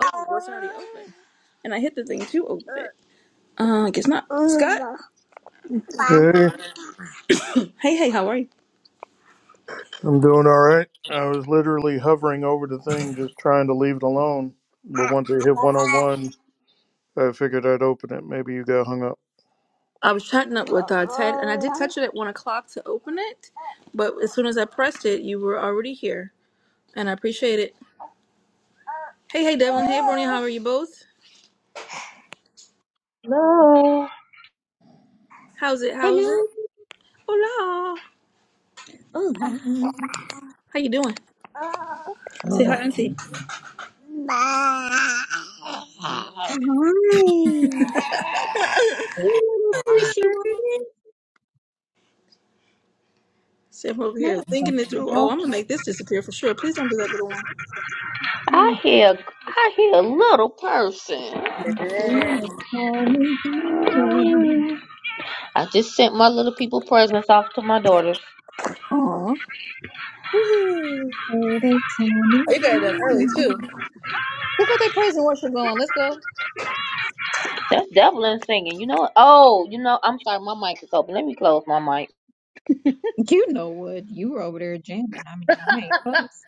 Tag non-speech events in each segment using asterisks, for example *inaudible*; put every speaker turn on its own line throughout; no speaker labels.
Oh, the door's already open. And I hit the thing to open it. Uh, I guess not. Scott?
Hey,
Hey, hey, how are you?
I'm doing all right. I was literally hovering over the thing, just trying to leave it alone. But once I hit 101, I figured I'd open it. Maybe you got hung up.
I was chatting up with uh, Ted, and I did touch it at 1 o'clock to open it, but as soon as I pressed it, you were already here, and I appreciate it. Hey, hey, Devlin. Hey, Brony, how are you both?
Love.
How's it? How's it?
Hello.
Hola.
Hola.
How you doing? Say hi,
Oh,
Auntie.
Hi. you little squishy woman.
See, I'm over here
Not bad.
thinking it through. Oh, I'm going to make this disappear for sure. Please don't do that, little one.
I
Being
hear, I hear a little person.
a tiny human.
Mm. I just sent my little people presents off to my daughters.
Aw. Oh,
What a tiny
you got it done early,
human.
too. Look what they praise and worship going. Let's go.
That's Devlin singing. You know what? Oh, you know, I'm sorry, my mic is open. Let me close my mic.
You know what? You were over there jamming. I mean, I ain't close.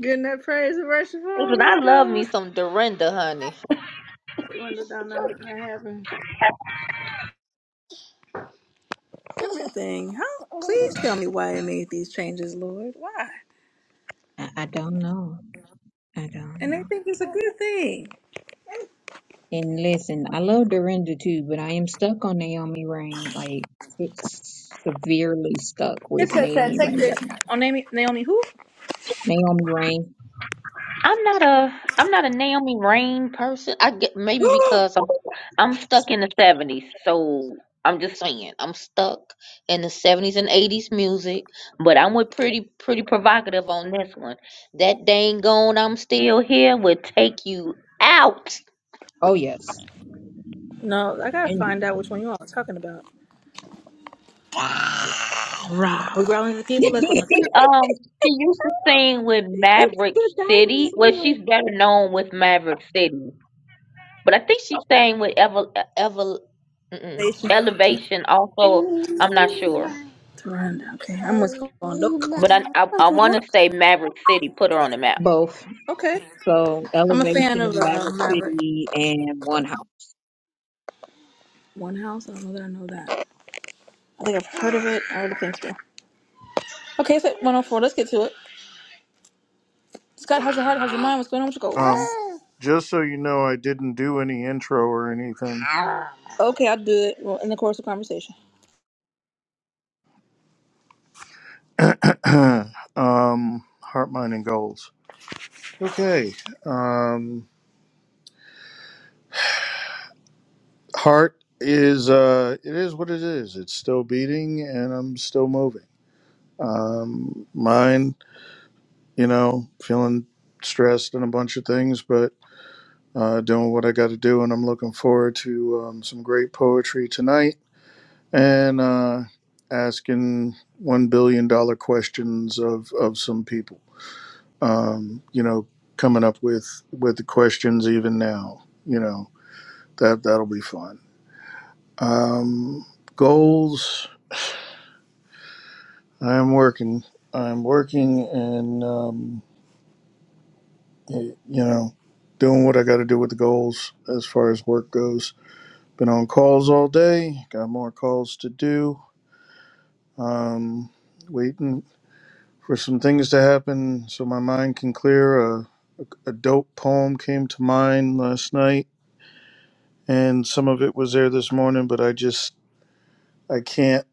Getting that praise and worship on.
Listen,
Let's
I love
go.
me
What's
some Dorinda, honey.
Linda down there? What happened? Everything. How, please tell me why I made these changes, Lord. Why?
I, I don't know. I don't
And I
know.
think it's a good thing.
And listen, I love Dorinda too, but I am stuck on Naomi Rain. Like, it's severely stuck
It
with
takes that.
Naomi
Take
Rain
this.
right now.
Oh, Naomi, Naomi, who?
Naomi Rain.
I'm not a I'm not a Naomi Rain person. I get maybe
*gasps*
because I'm I'm stuck in the seventies, so I'm just saying I'm stuck in the seventies and eighties music. But I'm with pretty pretty provocative on this one. That dang gone, I'm still here would take you out.
Oh yes,
No, I gotta
and
find out which one you all are talking about.
yeah.
All right, we're growing the
*laughs*
people. Let's grow the
it's
She um she used to sing with Maverick
the
City. Well,
dinosaur.
she's better known with Maverick City, but I think she sang with Ever Ever mm-mm,
nation.
Elevation also. I'm not sure.
Rhonda. Okay, I'm what's going on.
But I I, I want
Look.
to say Maverick City put her on the map.
Both.
Okay,
So
I'm a
elevation
fan of
in
uh,
Maverick
Margaret
City and one house.
One House. I don't know that I know that. I think I've heard of it. I really think so. Okay, it's at 104. Let's get to it. Scott, how's your heart? How's your mind? What's going on with your goals?
Um, just so you know, I didn't do any intro or anything.
Okay, I'll do it well, in the course of conversation.
*clears throat* um, heart, mind, and goals. Okay. Um, heart is uh, it is what it is. It's still beating, and I'm still moving. Um, mind, you know, feeling stressed and a bunch of things, but uh, doing what I got to do, and I'm looking forward to um, some great poetry tonight and uh, asking one billion dollar questions of of some people. Um, you know, coming up with with the questions even now. You know that that'll be fun. Um, goals. I'm working. I'm working, and um, you know, doing what I got to do with the goals as far as work goes Been on calls all day. Got more calls to do. Um, waiting for some things to happen so my mind can clear. A, a dope poem came to mind last night, and some of it was there this morning, but I just I can't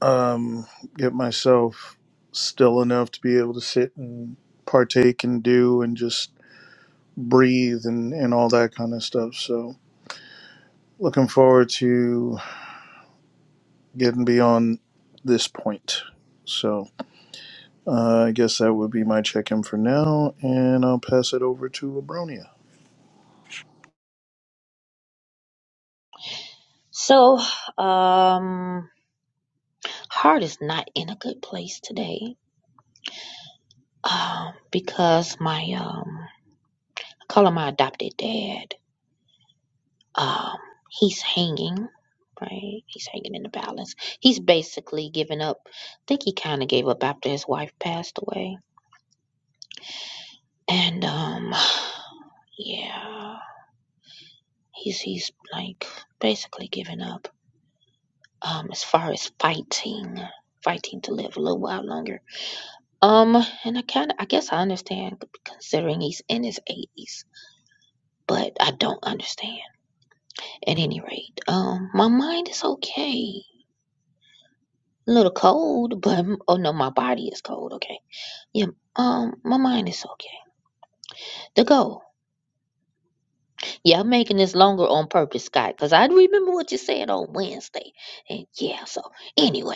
um, get myself still enough to be able to sit and partake and do and just breathe and, and all that kind of stuff. So looking forward to getting beyond this point. So. Uh, I guess that would be my check in for now, and I'll pass it over to Abronia.
So, um, heart is not in a good place today. Um, because my um, I call him my adopted dad. Um, he's hanging, right? He's hanging in the balance. He's basically giving up. I think he kind of gave up after his wife passed away, and um, *sighs* yeah, he's he's like basically giving up. um as far as fighting fighting to live a little while longer um and i kind of i guess i understand considering he's in his 80s but i don't understand at any rate um my mind is okay a little cold but oh no my body is cold okay yeah um my mind is okay the goal yeah i'm making this longer on purpose scott because i remember what you said on wednesday and yeah so anyway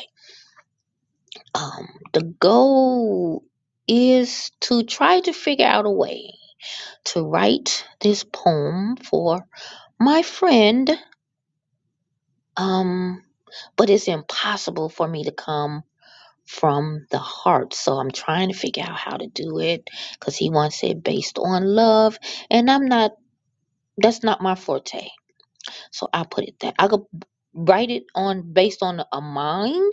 um, the goal is to try to figure out a way to write this poem for my friend. Um, but it's impossible for me to come from the heart. So I'm trying to figure out how to do it because he wants it based on love. And I'm not, that's not my forte. So I put it that I could write it on based on a mind,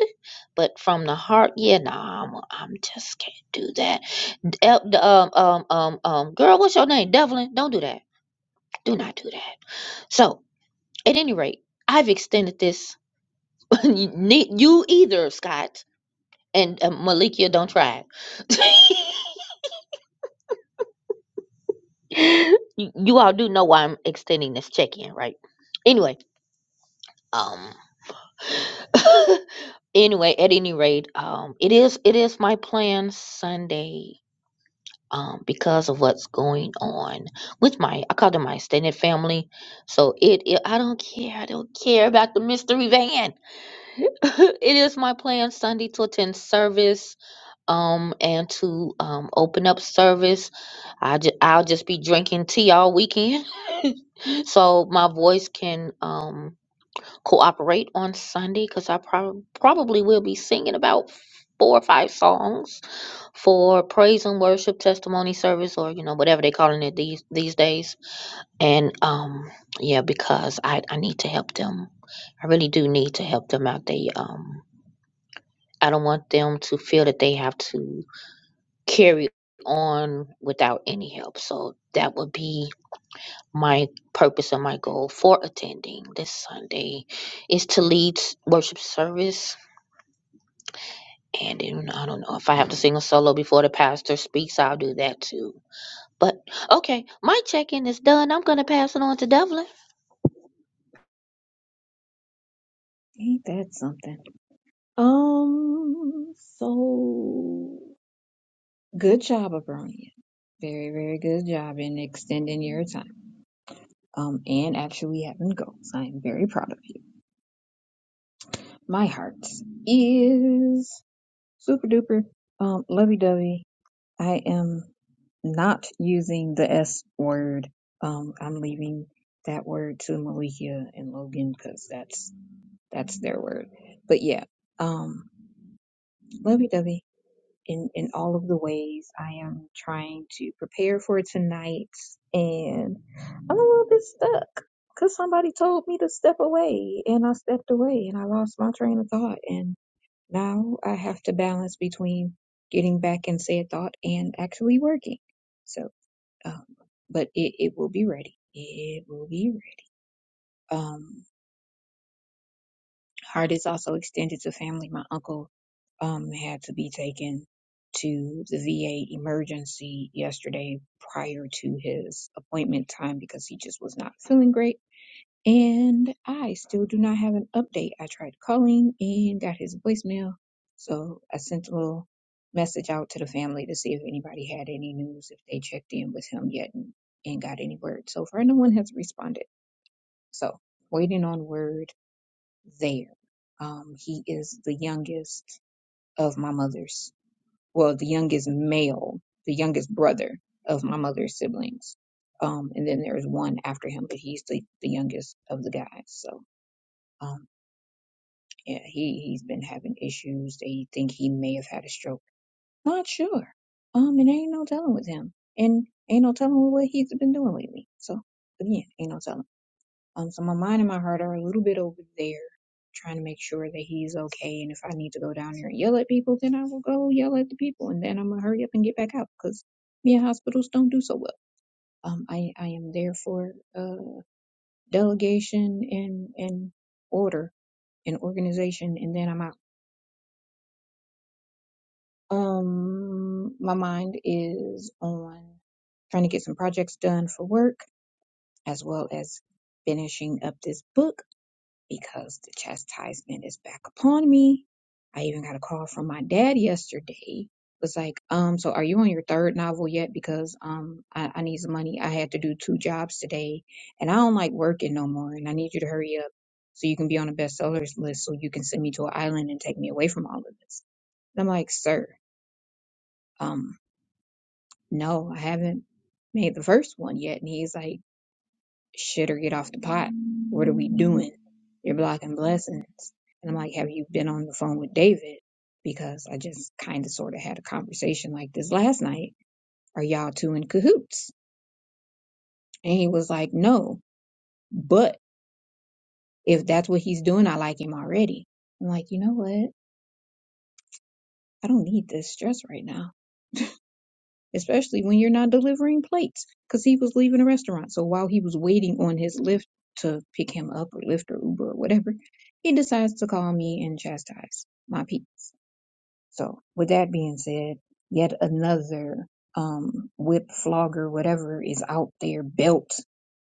but from the heart, yeah, nah, I'm, I'm just can't do that. El- the um um um um girl, what's your name? Devlin. Don't do that. Do not do that. So, at any rate, I've extended this. *laughs* you need- you either, Scott and uh, Malikia, don't try it. *laughs* you, you all do know why I'm extending this check-in, right? Anyway, um, *laughs* anyway, at any rate, um, it is it is my plan Sunday um, because of what's going on with my I call them my extended family. So it, it I don't care. I don't care about the mystery van. *laughs* it is my plan Sunday to attend service um and to um open up service. I just I'll just be drinking tea all weekend *laughs* so my voice can um cooperate on Sunday because I prob- probably will be singing about four or five songs for praise and worship testimony service or you know whatever they're calling it these these days. And um yeah, because I I need to help them. I really do need to help them out. They um I don't want them to feel that they have to carry on without any help. So that would be my purpose and my goal for attending this Sunday is to lead s- worship service. And then, I don't know if I have to sing a solo before the pastor speaks, I'll do that too. But okay, my check in is done. I'm going to pass it on to Devlin.
Ain't that something? Um. So good job, Abronia. Very, very good job in extending your time. Um, and actually having goals. I am very proud of you. My heart is super duper um lovey dovey I am not using the S word. Um, I'm leaving that word to Malika and Logan because that's that's their word. But yeah, um, lovey dovey in in all of the ways. I am trying to prepare for tonight, and I'm a little bit stuck because somebody told me to step away, and I stepped away, and I lost my train of thought, and. Now I have to balance between getting back in said thought and actually working. So, um, but it, it will be ready. It will be ready. Um, heart is also extended to family. My uncle, um, had to be taken to the VA emergency yesterday prior to his appointment time because he just was not feeling great And I still do not have an update. I tried calling and got his voicemail. So I sent a little message out to the family to see if anybody had any news, if they checked in with him yet and, and got any word. So far, no one has responded. So waiting on word there. Um, he is the youngest of my mother's, well, the youngest male, the youngest brother of my mother's siblings. Um, and then there's one after him, but he's the, the youngest of the guys. So. Um, Yeah, he he's been having issues. They think he may have had a stroke. Not sure. Um, and ain't no telling with him, and ain't no telling what he's been doing lately. So again, ain't no telling. Um, so my mind and my heart are a little bit over there, trying to make sure that he's okay. And if I need to go down there and yell at people, then I will go yell at the people, and then I'm gonna hurry up and get back out because me and hospitals don't do so well. Um, I I am there for uh delegation and and order and organization, and then I'm out. Um, my mind is on trying to get some projects done for work as well as finishing up this book because the chastisement is back upon me. I even got a call from my dad yesterday. Was like, um, so are you on your third novel yet? Because um, I, I need some money. I had to do two jobs today, and I don't like working no more. And I need you to hurry up so you can be on the bestsellers list, so you can send me to an island and take me away from all of this. And I'm like, sir, um, no, I haven't made the first one yet. And he's like, shit or get off the pot. What are we doing? You're blocking blessings. And I'm like, have you been on the phone with David? Because I just kind of sort of had a conversation like this last night. Are y'all two in cahoots? And he was like, no, but if that's what he's doing, I like him already. I'm like, you know what? I don't need this stress right now. especially when you're not delivering plates because he was leaving the restaurant. So while he was waiting on his lift to pick him up or Lyft or Uber or whatever, he decides to call me and chastise my peeps. So with that being said, yet another um, whip flogger, whatever is out there, belt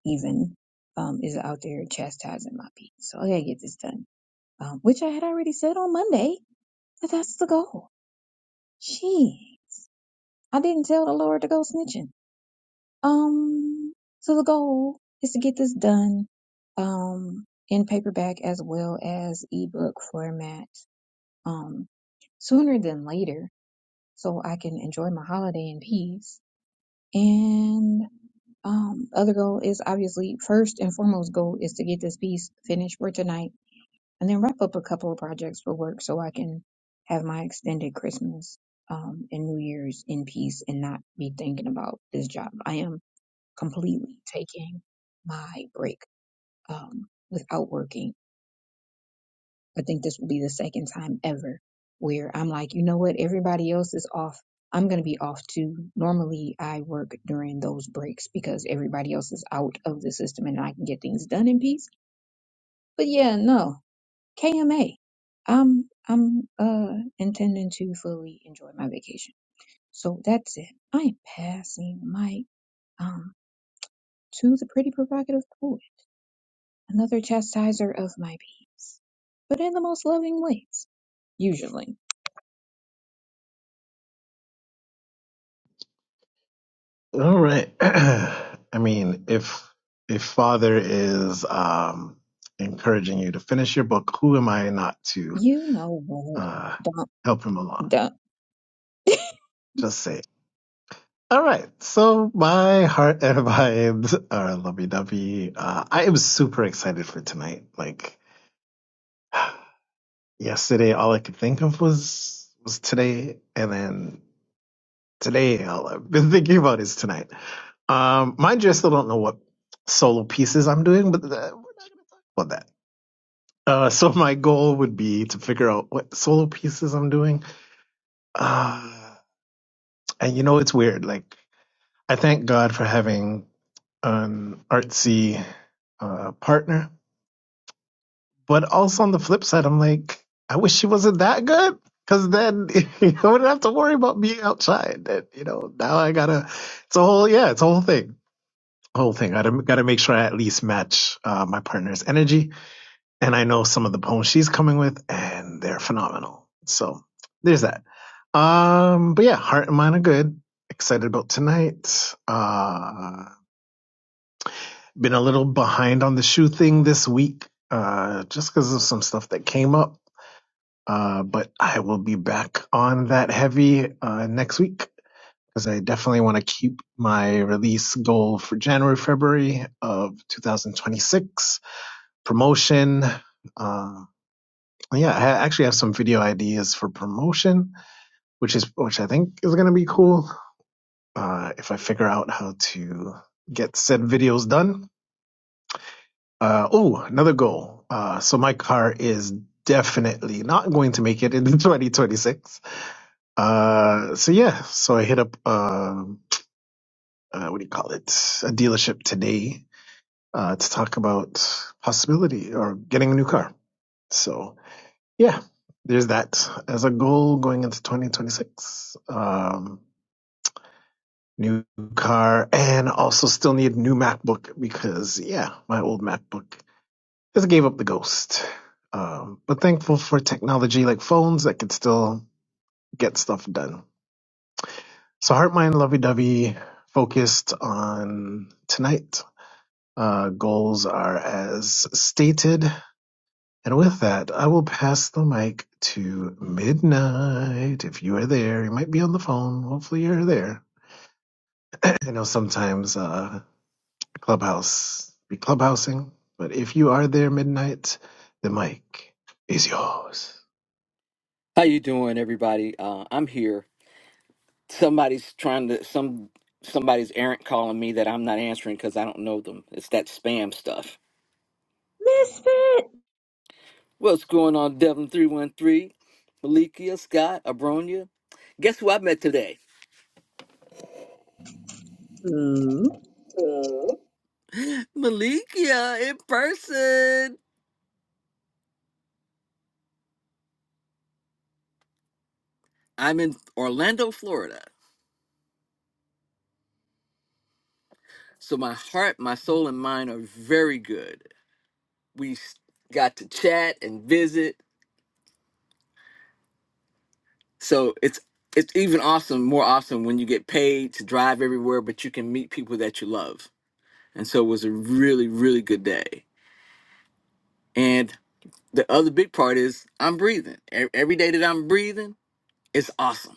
even, um, is out there chastising my peeps. So I gotta get this done, um, which I had already said on Monday that that's the goal. Gee, I didn't tell the Lord to go snitching Um, so the goal is to get this done, um, in paperback as well as ebook format, um, sooner than later, so I can enjoy my holiday in peace. And um, other goal is obviously first and foremost goal is to get this piece finished for tonight, and then wrap up a couple of projects for work so I can have my extended Christmas. Um, and New Year's in peace and not be thinking about this job. I am completely taking my break um, without working. I think this will be the second time ever where I'm like, you know what? Everybody else is off. I'm going to be off too. Normally, I work during those breaks because everybody else is out of the system and I can get things done in peace. But yeah, no, KMA. I'm I'm uh intending to fully enjoy my vacation. So that's it. I am passing my um to the pretty provocative poet. another chastiser of my peace, but in the most loving ways, usually.
All right. *clears throat* I mean, if if Father is um, encouraging you to finish your book, who am I not to
You know what?
uh,
Don't,
help him along?
don't.
Just say. it. All right. So my heart and *laughs* vibes are lovey-dovey. Uh, I am super excited for tonight. Like *sighs* yesterday, all I could think of was was today, and then today, all I've been *laughs* thinking about is tonight. Um, mind you, I still don't know what solo pieces I'm doing, but uh, we're not going to talk about that. Uh, so my goal would be to figure out what solo pieces I'm doing. Uh, and you know, it's weird. Like, I thank God for having an artsy uh, partner, but also on the flip side, I'm like, I wish she wasn't that good. Cause then *laughs* I wouldn't have to worry about being outside. And, you know, now I gotta, it's a whole, yeah, it's a whole thing. whole thing. I got to make sure I at least match uh, my partner's energy. And I know some of the poems she's coming with, and they're phenomenal. So there's that. Um, but yeah, heart and mind are good. Excited about tonight. Uh, been a little behind on the shoe thing this week, uh, just because of some stuff that came up. Uh, but I will be back on that heavy uh, next week because I definitely want to keep my release goal for January, February of 2026 promotion. Uh, yeah, I actually have some video ideas for promotion, which is which I think is going to be cool uh, if I figure out how to get said videos done. Uh, oh, another goal. Uh, so my car is definitely not going to make it in *laughs* 2026. Uh, so yeah, so I hit up um uh, what do you call it? A dealership today uh, to talk about possibility or getting a new car. So yeah, there's that as a goal going into 2026. Um, new car and also still need new MacBook because yeah, my old MacBook just gave up the ghost. Um, but thankful for technology like phones that could still get stuff done. So heart, mind, lovey dovey, focused on tonight. Uh, goals are as stated. And with that, I will pass the mic to Midnight. If you are there, you might be on the phone. Hopefully, you're there. *laughs* I know sometimes uh, Clubhouse be clubhousing, but if you are there, Midnight, the mic is yours.
How you doing, everybody? Uh, I'm here. Somebody's trying to some somebody's errant calling me that I'm not answering because I don't know them. It's that spam stuff.
Misfit *laughs*
What's going on, Devin three one three, Malikia Scott Abronia? Guess who I met today?
Hmm.
*laughs* Malikia in person. I'm in Orlando, Florida. So my heart, my soul, and mind are very good. We s- got to chat and visit So it's it's even awesome, more awesome when you get paid to drive everywhere, but you can meet people that you love. And so it was a really, really good day. And the other big part is I'm breathing. E- Every day that I'm breathing, it's awesome.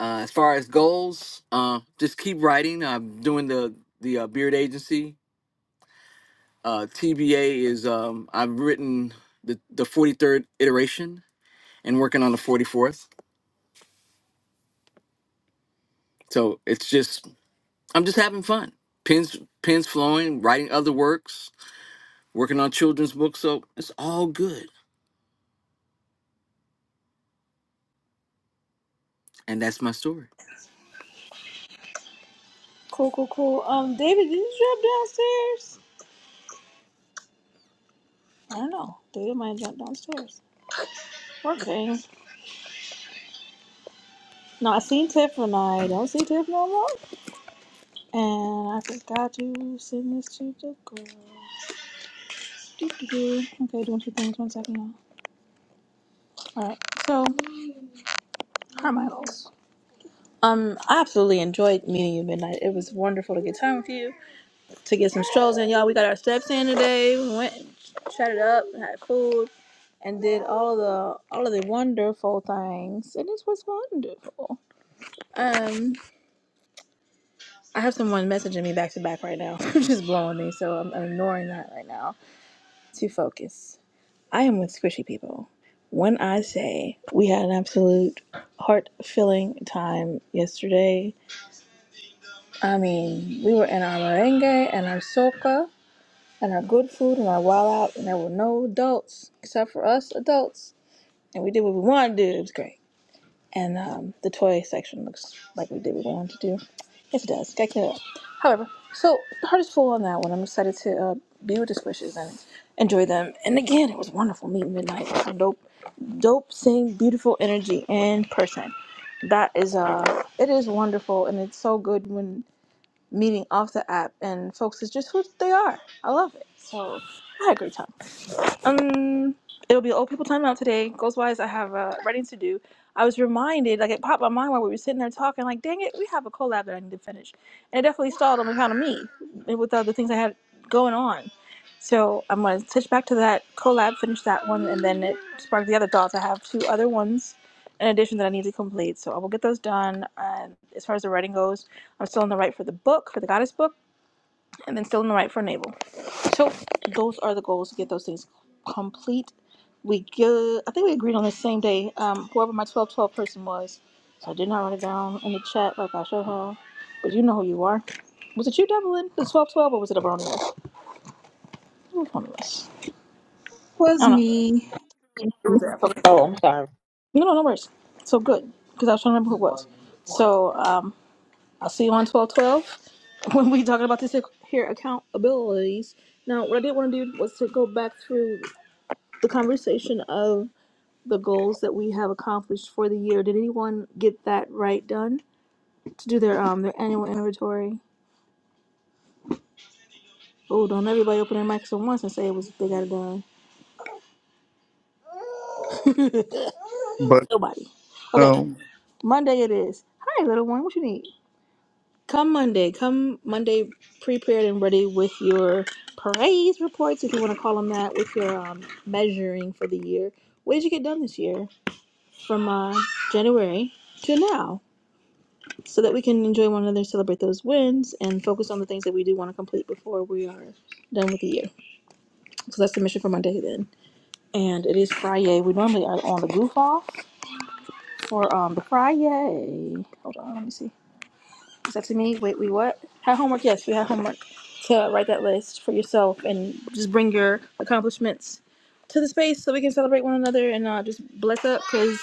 Uh, as far as goals, uh, just keep writing. I'm doing the the uh, Beard Agency. Uh, TBA is um, I've written the the 43rd iteration and working on the 44th. So it's just I'm just having fun. Pens pens flowing, writing other works, working on children's books, so it's all good. And that's my story.
Cool, cool, cool. Um, David, did you jump downstairs? I don't know. David might jump downstairs. Okay. No, I seen Tiff and I don't see Tiff no more. And I forgot to send this to the girl. Do, do, do. Okay, doing two things. One second now. All right. So, how are my goals? Um, I absolutely enjoyed meeting you, Midnight. It was wonderful to get time with you. to get some strolls in, y'all. We got our steps in today. We went, shut it up, had food, and did all of the all of the wonderful things. And this was wonderful. Um, I have someone messaging me back to back right now, *laughs* just blowing me. So I'm, I'm ignoring that right now to focus. I am with squishy people. When I say we had an absolute heart filling time yesterday, I mean we were in our merengue and our soca and our good food and our wild out, and there were no adults except for us adults, and we did what we wanted to do. It was great. And um, the toy section looks like we did what we wanted to do. Yes, it does. Got clear up. However, so the heart is full on that one. I'm excited to uh, be with the squishes and enjoy them. And again, it was wonderful meeting Midnight. Some dope, dope, same beautiful energy in person. That is uh, it is wonderful, and it's so good when meeting off the app and folks is just who they are. I love it. So I had a great time. Um, it'll be old people time out today. Goals wise, I have uh, writing to do. I was reminded, like it popped my mind while we were sitting there talking, like, dang it, we have a collab that I need to finish, and it definitely stalled on account of me and with other things I had going on. So I'm gonna switch back to that collab, finish that one, and then it sparked the other thoughts. I have two other ones in addition that I need to complete, so I will get those done. And as far as the writing goes, I'm still in the write for the book, for the goddess book, and then still in the write for navel. So those are the goals to get those things complete. We go, I think we agreed on the same day. Um, whoever my twelve twelve person was, so I did not write it down in the chat like I should have. But you know who you are. Was it you, Devlin? The twelve twelve, or was it a brony list? It was a brony list.
was
I don't know.
me.
It
*laughs*
was there. Okay,
Oh,
cool.
I'm sorry.
No, no, no worries. So good, because I was trying to remember who it was. So um, I'll see you on twelve twelve *laughs* when we talking about this here accountabilities. Now, what I did want to do was to go back through the conversation of the goals that we have accomplished for the year. Did anyone get that right done to do their um their annual inventory? Oh, don't everybody open their mics at once and say it was they got it done.
But
*laughs* Nobody. Okay,
no,
Monday it is. Hi, little one. What you need? Come Monday. Come Monday, prepared and ready with your praise reports, if you want to call them that, with your um, measuring for the year. What did you get done this year from uh, January to now? so that we can enjoy one another, celebrate those wins, and focus on the things that we do want to complete before we are done with the year. So that's the mission for Monday then. And it is Friday. We normally are on the goof off for um, the Friday. Hold on, let me see said to me, wait, we what? Have homework? Yes, we have homework to write that list for yourself and just bring your accomplishments to the space so we can celebrate one another and uh, just bless up because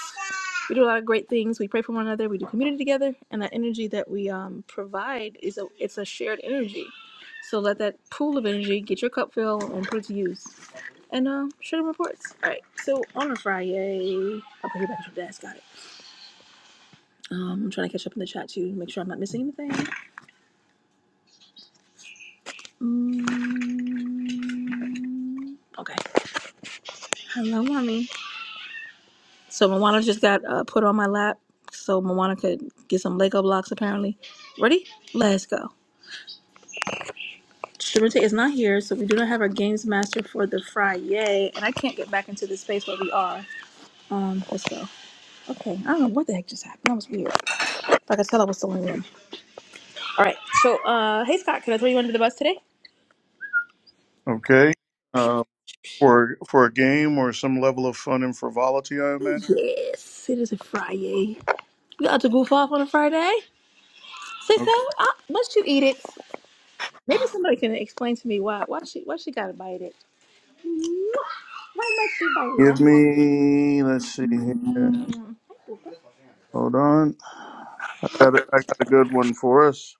we do a lot of great things. We pray for one another. We do community together, and that energy that we um, provide is a it's a shared energy. So let that pool of energy get your cup filled and put it to use. And um, share them reports. All right. So on a Friday, I'll put you back at your desk. Got it. Um, I'm trying to catch up in the chat too, make sure I'm not missing anything. Mm, okay. Hello, mommy. So Moana just got uh, put on my lap so Moana could get some Lego blocks, apparently. Ready? Let's go. Sharita is not here, so we do not have our games master for the Friday, and I can't get back into the space where we are. Um, let's go. Okay, I don't know what the heck just happened. That was weird. Like I said, I was still in the room. All right, so, uh, hey Scott, can I throw you under the bus today?
okay. Uh, for for a game or some level of fun and frivolity, I imagine.
Yes, it is a Friday. You got to goof off on a Friday? Cisco,
Okay.
uh, must you eat it? Maybe somebody can explain to me why why she why she gotta bite it. Why must she bite it?
Give
I'm hungry.
me. Let's see here. Hold on. I got a, I got a good one for us.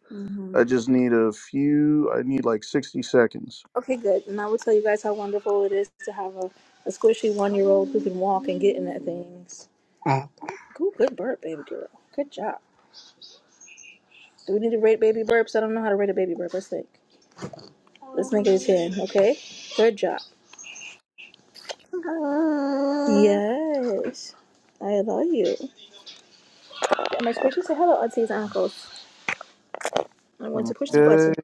I just need a few. I need like sixty seconds.
Okay, good. And I will tell you guys how wonderful it is to have a, a squishy one year old who can walk and get in at things. Uh, Cool, good burp, baby girl. Good job. Do we need to rate baby burps? I don't know how to rate a baby burp. Let's think. Let's make it a ten. Okay. Good job. Yes. I love you. Am I squishy? Say hello, aunties and uncles. I'm going to push the button.
Okay.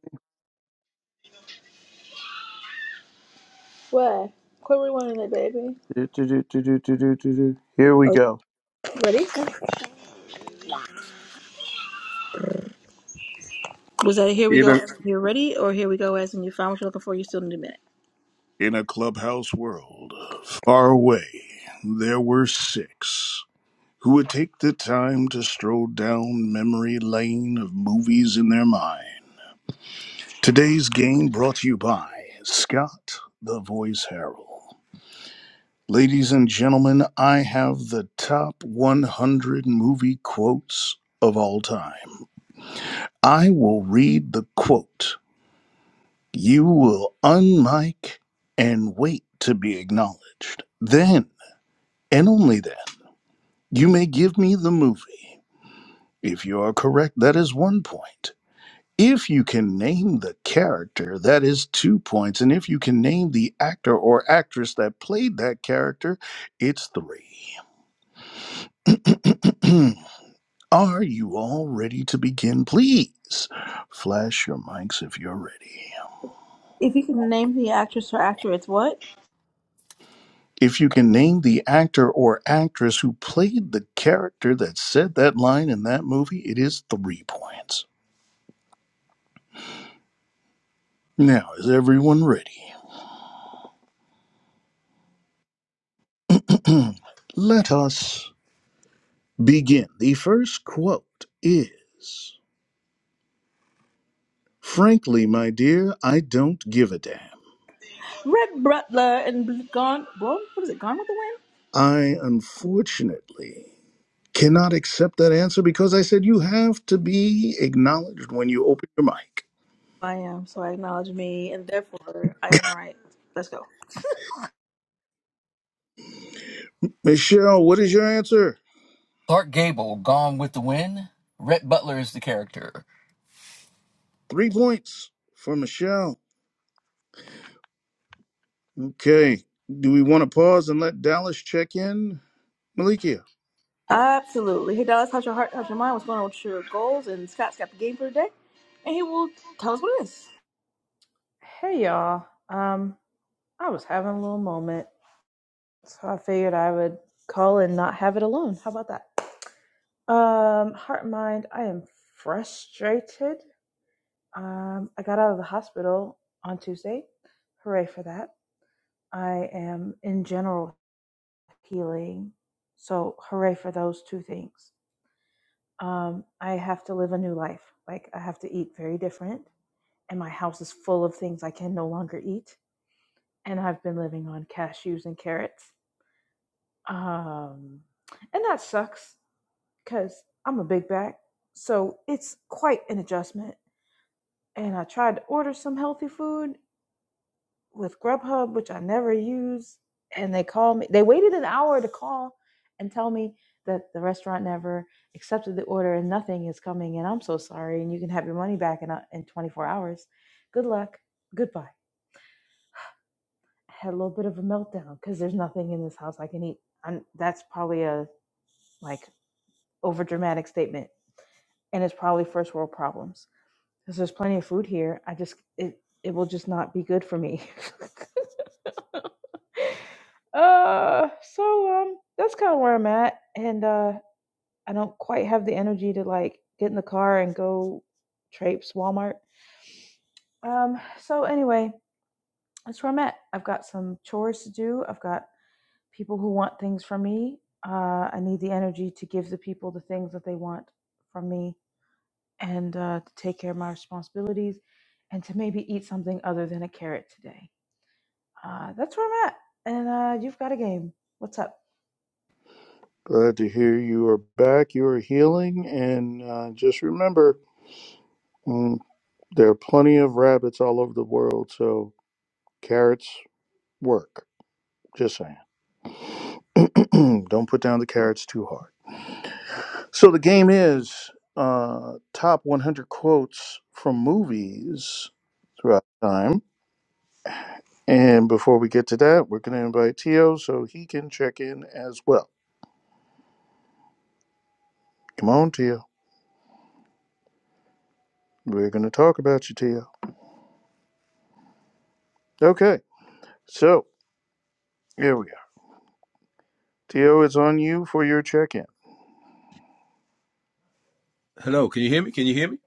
What? Quit rewinding it, baby.
Do, do, do, do, do, do, do, do. Here we
Oh,
go.
ready? Was that a here we
You
go
know,
as in you're ready or here we go as in you found what you're looking for, you still need a minute?
In a clubhouse world, far away, there were six who would take the time to stroll down memory lane of movies in their mind. Today's game brought to you by Scott the Voice Herald. Ladies and gentlemen, I have the top 100 movie quotes of all time. I will read the quote. You will unmic and wait to be acknowledged. Then and only then You may give me the movie. If you are correct, that is one point. If you can name the character, that is two points. And if you can name the actor or actress that played that character, it's three. *clears throat* are you all ready to begin? Please flash your mics if you're ready.
If you could name the actress or actor, it's what?
If you can name the actor or actress who played the character that said that line in that movie, it is three points. Now, is everyone ready? *clears throat* Let us begin. The first quote is Frankly, my dear, I don't give a damn.
Red Butler and Bl- Gone, what, what is it, Gone with the Wind?
I unfortunately cannot accept that answer because I said you have to be acknowledged when you open your mic.
I am, so I acknowledge me, and therefore I am right. Let's go.
Michelle, what is your answer?
Clark Gable, Gone with the Wind. Rhett Butler is the character.
Three points for Michelle. Okay. Do we want to pause and let Dallas check in? Malikia,
Absolutely. Hey, Dallas, how's your heart? How's your mind? What's going on with your goals? And Scott's got the game for today, and he will tell us what it is.
Hey y'all. Um, I was having a little moment, so I figured I would call and not have it alone. How about that? Um, heart and mind, I am frustrated. Um, I got out of the hospital on Tuesday. Hooray for that. I am in general healing. So hooray for those two things. Um, I have to live a new life. Like I have to eat very different and my house is full of things I can no longer eat and I've been living on cashews and carrots. Um, and that sucks because I'm a big back. So it's quite an adjustment. And I tried to order some healthy food with Grubhub, which I never use. And they called me, they waited an hour to call and tell me that the restaurant never accepted the order and nothing is coming. And I'm so sorry. And you can have your money back in, a- in 24 hours. Good luck. Goodbye. had a little bit of a meltdown because there's nothing in this house I can eat. And that's probably a like over dramatic statement, and it's probably first world problems because there's plenty of food here. I just it it will just not be good for me. *laughs* uh, so um, that's kind of where I'm at, and uh, I don't quite have the energy to like get in the car and go traipse Walmart. Um, so anyway, that's where I'm at. I've got some chores to do. I've got people who want things from me. Uh, I need the energy to give the people the things that they want from me and uh, to take care of my responsibilities and to maybe eat something other than a carrot today. Uh, that's where I'm at. And uh, you've got a game. What's up?
glad to hear you are back. You are healing. And uh, just remember There are plenty of rabbits all over the world, so carrots work. Just saying. *clears throat* Don't put down the carrots too hard. So the game is uh, top 100 quotes from movies throughout time. And before we get to that, we're going to invite Tio so he can check in as well. Come on, Tio. We're going to talk about you, Tio. Okay, so here we are. Tio, it's on you for your check in.
Hello, can you hear me? Can you hear me?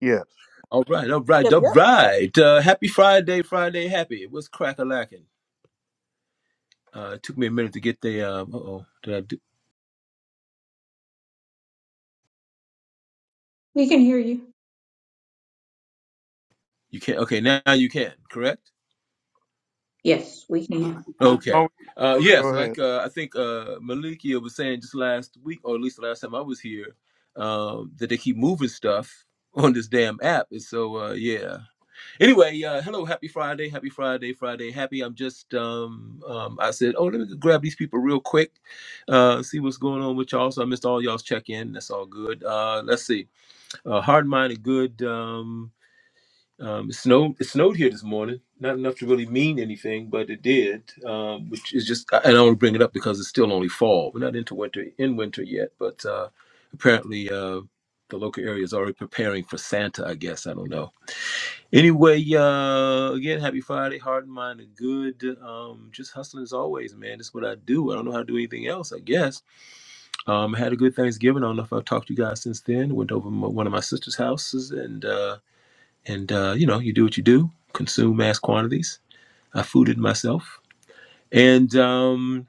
Yes.
All right, all right,
Yep,
all
yep.
right. Uh, happy Friday, Friday, happy. What's crack a lacking? Uh, it took me a minute to get the. Um, uh oh, did I do?
We can hear you.
You can't. Okay, now you can. Correct.
Yes, we can.
We can
Okay.
always
Uh,
go
yes, like
ahead.
uh, I think uh, Malikia was saying just last week, or at least the last time I was here, um, that they keep moving stuff on this damn app, and so uh, yeah. Anyway, uh, hello, happy Friday, happy Friday, Friday, happy. I'm just, um, um, I said, oh, let me grab these people real quick, uh, see what's going on with y'all. So I missed all y'all's check in. That's all good. Uh, let's see, uh, hard minded, good. Um, um, it snowed. It snowed here this morning. Not enough to really mean anything, but it did. Um, which is just, and I only bring it up because it's still only fall. We're not into winter in winter yet, but uh, apparently uh, the local area is already preparing for Santa. I guess I don't know Anyway, uh, again, happy Friday. Heart and mind are good. Um, just hustling as always, man. That's what I do. I don't know how to do anything else, I guess. Um, I had a good Thanksgiving. I don't know if I've talked to you guys since then. Went over my, one of my sister's houses and, uh, and, uh, you know, you do what you do, consume mass quantities. I fooded myself and, um,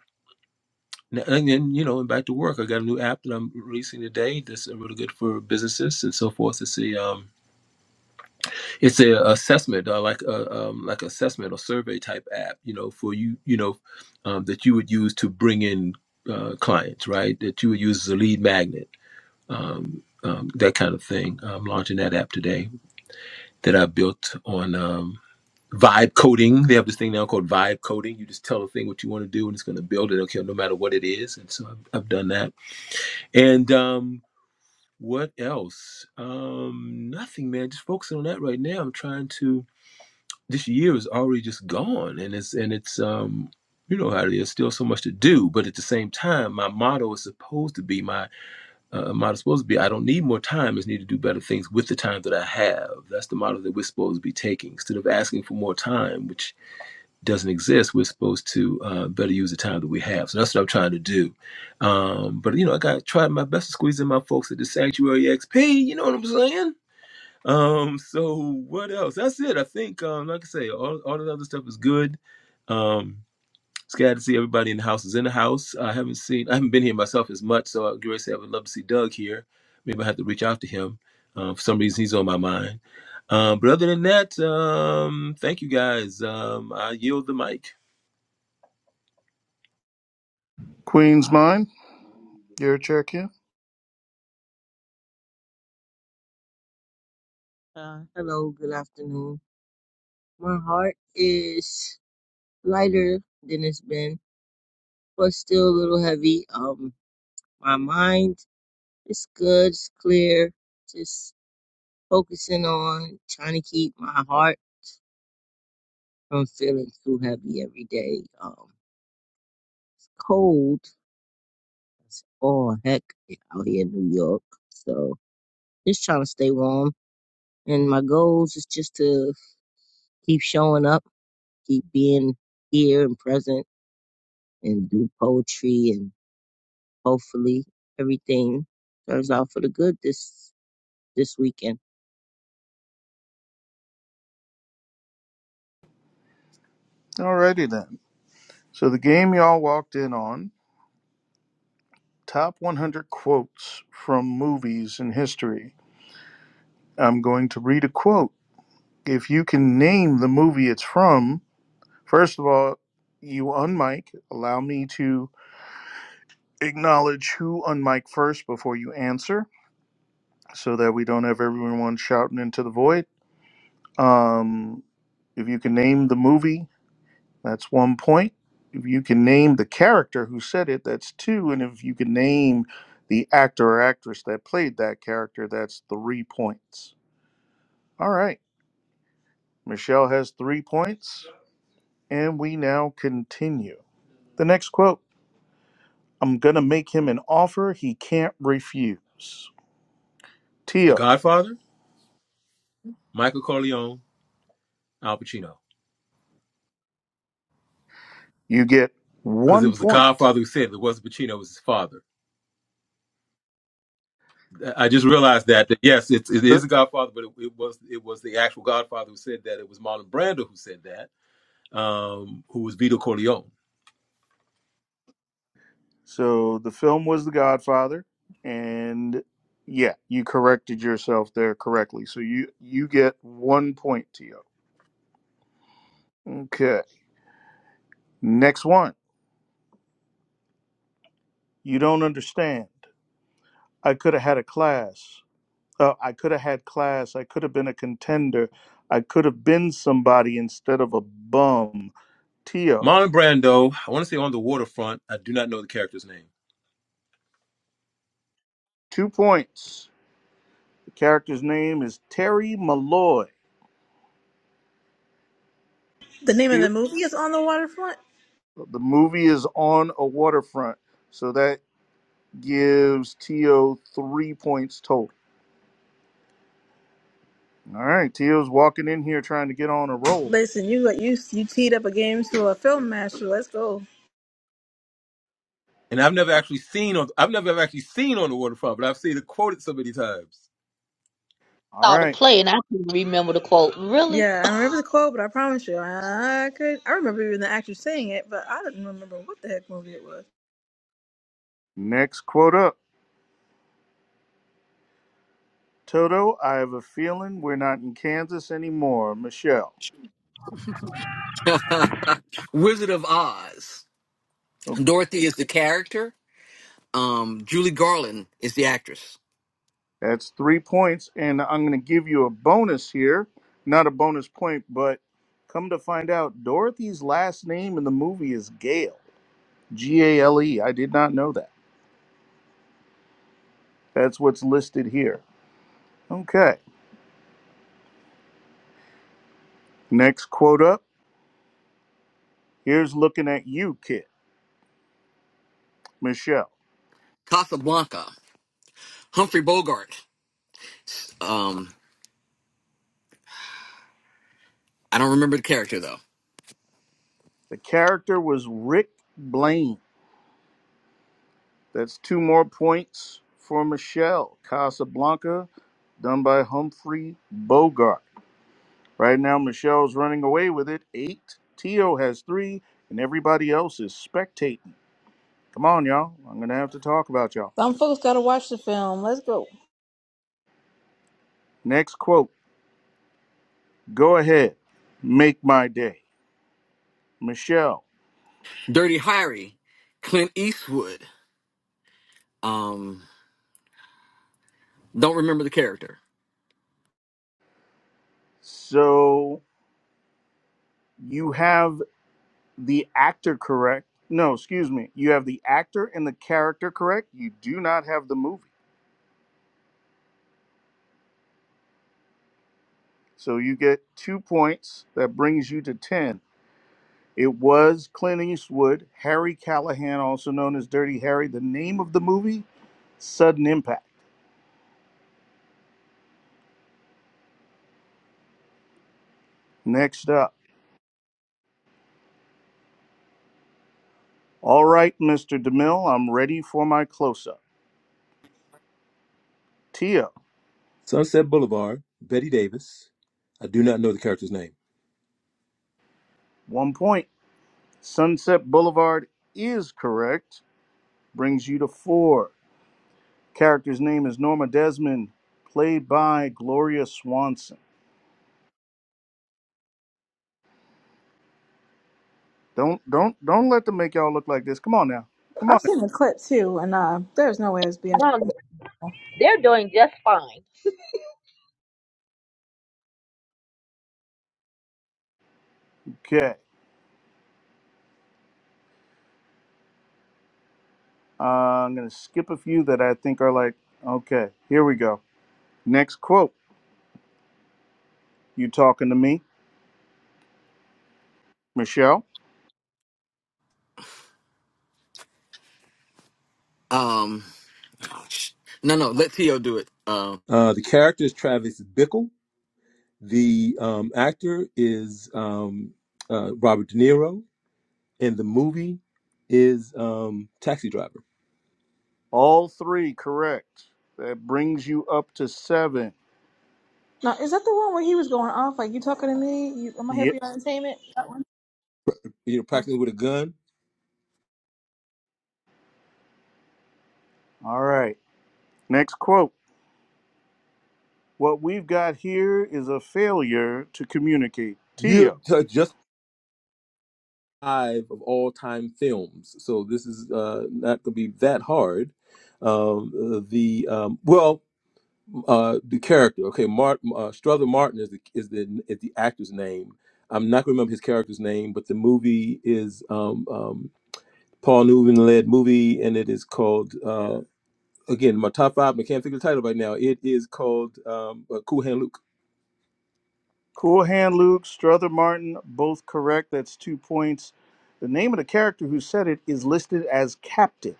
n- and then, you know, and back to work. I got a new app that I'm releasing today that's really good for businesses and so forth. It's a, um, it's a assessment uh, like a um, like assessment or survey type app you know for you you know um, that you would use to bring in uh, clients right that you would use as a lead magnet um, um, that kind of thing i'm launching that app today that i built on um, vibe coding they have this thing now called vibe coding you just tell the thing what you want to do and it's going to build it okay no matter what it is and so i've, I've done that and um, what else um, nothing man just focusing on that right now i'm trying to this year is already just gone and it's and it's um you know how it is still so much to do but at the same time my motto is supposed to be my uh, motto is supposed to be i don't need more time is need to do better things with the time that i have that's the motto that we're supposed to be taking instead of asking for more time which doesn't exist we're supposed to uh, better use the time that we have so that's what i'm trying to do um, but you know i got to try my best to squeeze in my folks at the sanctuary xp you know what i'm saying um, so what else? That's it. I think, um, like I say, all, all the other stuff is good. Um, it's glad to see everybody in the house is in the house. I haven't seen, I haven't been here myself as much, so I would say I would love to see Doug here. Maybe I have to reach out to him. Uh, for some reason, he's on my mind. Um, but other than that, um, thank you guys. Um, I yield the mic.
Queen's Mind, your check in.
Uh, hello, good afternoon. My heart is lighter than it's been, but still a little heavy. Um, my mind is good, it's clear. Just focusing on trying to keep my heart from feeling too heavy every day. Um, it's cold. It's all heck out here in New York. So just trying to stay warm. And my goals is just to keep showing up, keep being here and present, and do poetry and. Hopefully everything turns out for the good this this weekend.
Alrighty then. So the game y'all walked in on, top 100 quotes from movies in history. I'm going to read a quote. If you can name the movie it's from, first of all, you unmic. Allow me to acknowledge who unmic first before you answer, so that we don't have everyone shouting into the void. Um, if you can name the movie, That's one point. If you can name the character who said it, that's two. And if you can name the actor or actress that played that character, that's three points. All right. Michelle has three points. And we now continue. The next quote I'm going to make him an offer he can't refuse.
The
Tia,
Godfather, Michael Corleone, Al Pacino.
you get
Because it
one
was the
point.
Godfather who said it, it wasn't Pacino, it was his father. I just realized that, that yes, it's, it is a Godfather, but it, it was it was the actual Godfather who said that. It was Marlon Brando who said that, um, who was Vito Corleone.
So the film was The Godfather, and yeah, you corrected yourself there correctly. So you you get one point, Tio. Okay. Next one. You don't understand. I could have had a class. Uh, I could have had class. I could have been a contender. I could have been somebody instead of a bum. Tio,
Marlon Brando, I want to say on the waterfront. I do not know the character's name,
two points. The character's name is Terry Malloy.
The name of
Tio,
the movie is On the Waterfront
The movie is on a waterfront. So that gives Tio three points total. All right, Tio's walking in here trying to get on a roll.
Listen, you like, you you teed up a game to a film master. Let's go.
and I've never actually seen on I've never ever actually seen on the waterfront, but I've seen it quoted so many times.
All
Saw the
right,
play and I couldn't remember the quote. Really?
Yeah, I remember the quote, but I promise you, I could. I remember even the actor saying it, but I didn't remember what the heck movie it was.
next quote up. Toto, I have a feeling we're not in Kansas anymore. Michelle.
*laughs* Wizard of Oz.
Okay,
Dorothy is the character. Um, Julie Garland is the actress.
that's three points, and I'm going to give you a bonus here. Not a bonus point, but come to find out, Dorothy's last name in the movie is Gale. G A L E. I did not know that. That's what's listed here. Okay, next quote up. Here's looking at you, kid. Michelle.
Casablanca. Humphrey Bogart. Um, I don't remember the character though.
The character was Rick Blaine. That's two more points for Michelle. Casablanca, done by Humphrey Bogart. Right now, Michelle's running away with it. Eight. Tio has three, and everybody else is spectating. Come on, y'all. I'm going to have to talk about y'all.
Some folks gotta watch the film. Let's go.
Next quote Go ahead, make my day. Michelle.
Dirty Harry. Clint Eastwood. Um, don't remember the character.
So you have the actor correct. No, excuse me. You have the actor and the character correct. You do not have the movie. So you get two points. That brings you to 10. It was Clint Eastwood, Harry Callahan, also known as Dirty Harry. The name of the movie, Sudden Impact. Next up. All right, Mr. DeMille, I'm ready for my close up. Tia,
Sunset Boulevard, Betty Davis. I do not know the character's name.
one point. Sunset Boulevard is correct. Brings you to four. Character's name is Norma Desmond, played by Gloria Swanson. Don't don't don't let them make y'all look like this. Come on now. Come on.
I've
now.
seen the clip too, and uh, there's no way it's being.
No, they're doing just fine.
Okay. Uh, I'm gonna skip a few that I think are like, okay, here we go. Next quote. You talking to me, Michelle?
Um, Ouch. No, no, let Tio do it. Um,
Uh, the character is Travis Bickle. The um, actor is um, uh, Robert De Niro in the movie is um, Taxi Driver.
All three correct. That brings you up to seven.
Now, is that the one where he was going off? Like you talking to me? You, am I here
Yep.
for your entertainment? That one.
You know,
Okay.
practicing with a gun.
All right. Next quote. What we've got here is a failure to communicate. Tia.
You have just five of all time films, so this is uh, not going to be that hard. Um, uh, the um, well, uh, the character. Okay, Mart, uh, Strother Martin is the is the is the actor's name. I'm not going to remember his character's name, but the movie is um, um, Paul Newman led movie, and it is called uh, again my top five. I can't figure the title right now. It is called um, uh, Cool Hand Luke
Cool Hand Luke, Strother Martin, both correct. That's two points. The name of the character who said it is listed as Captain.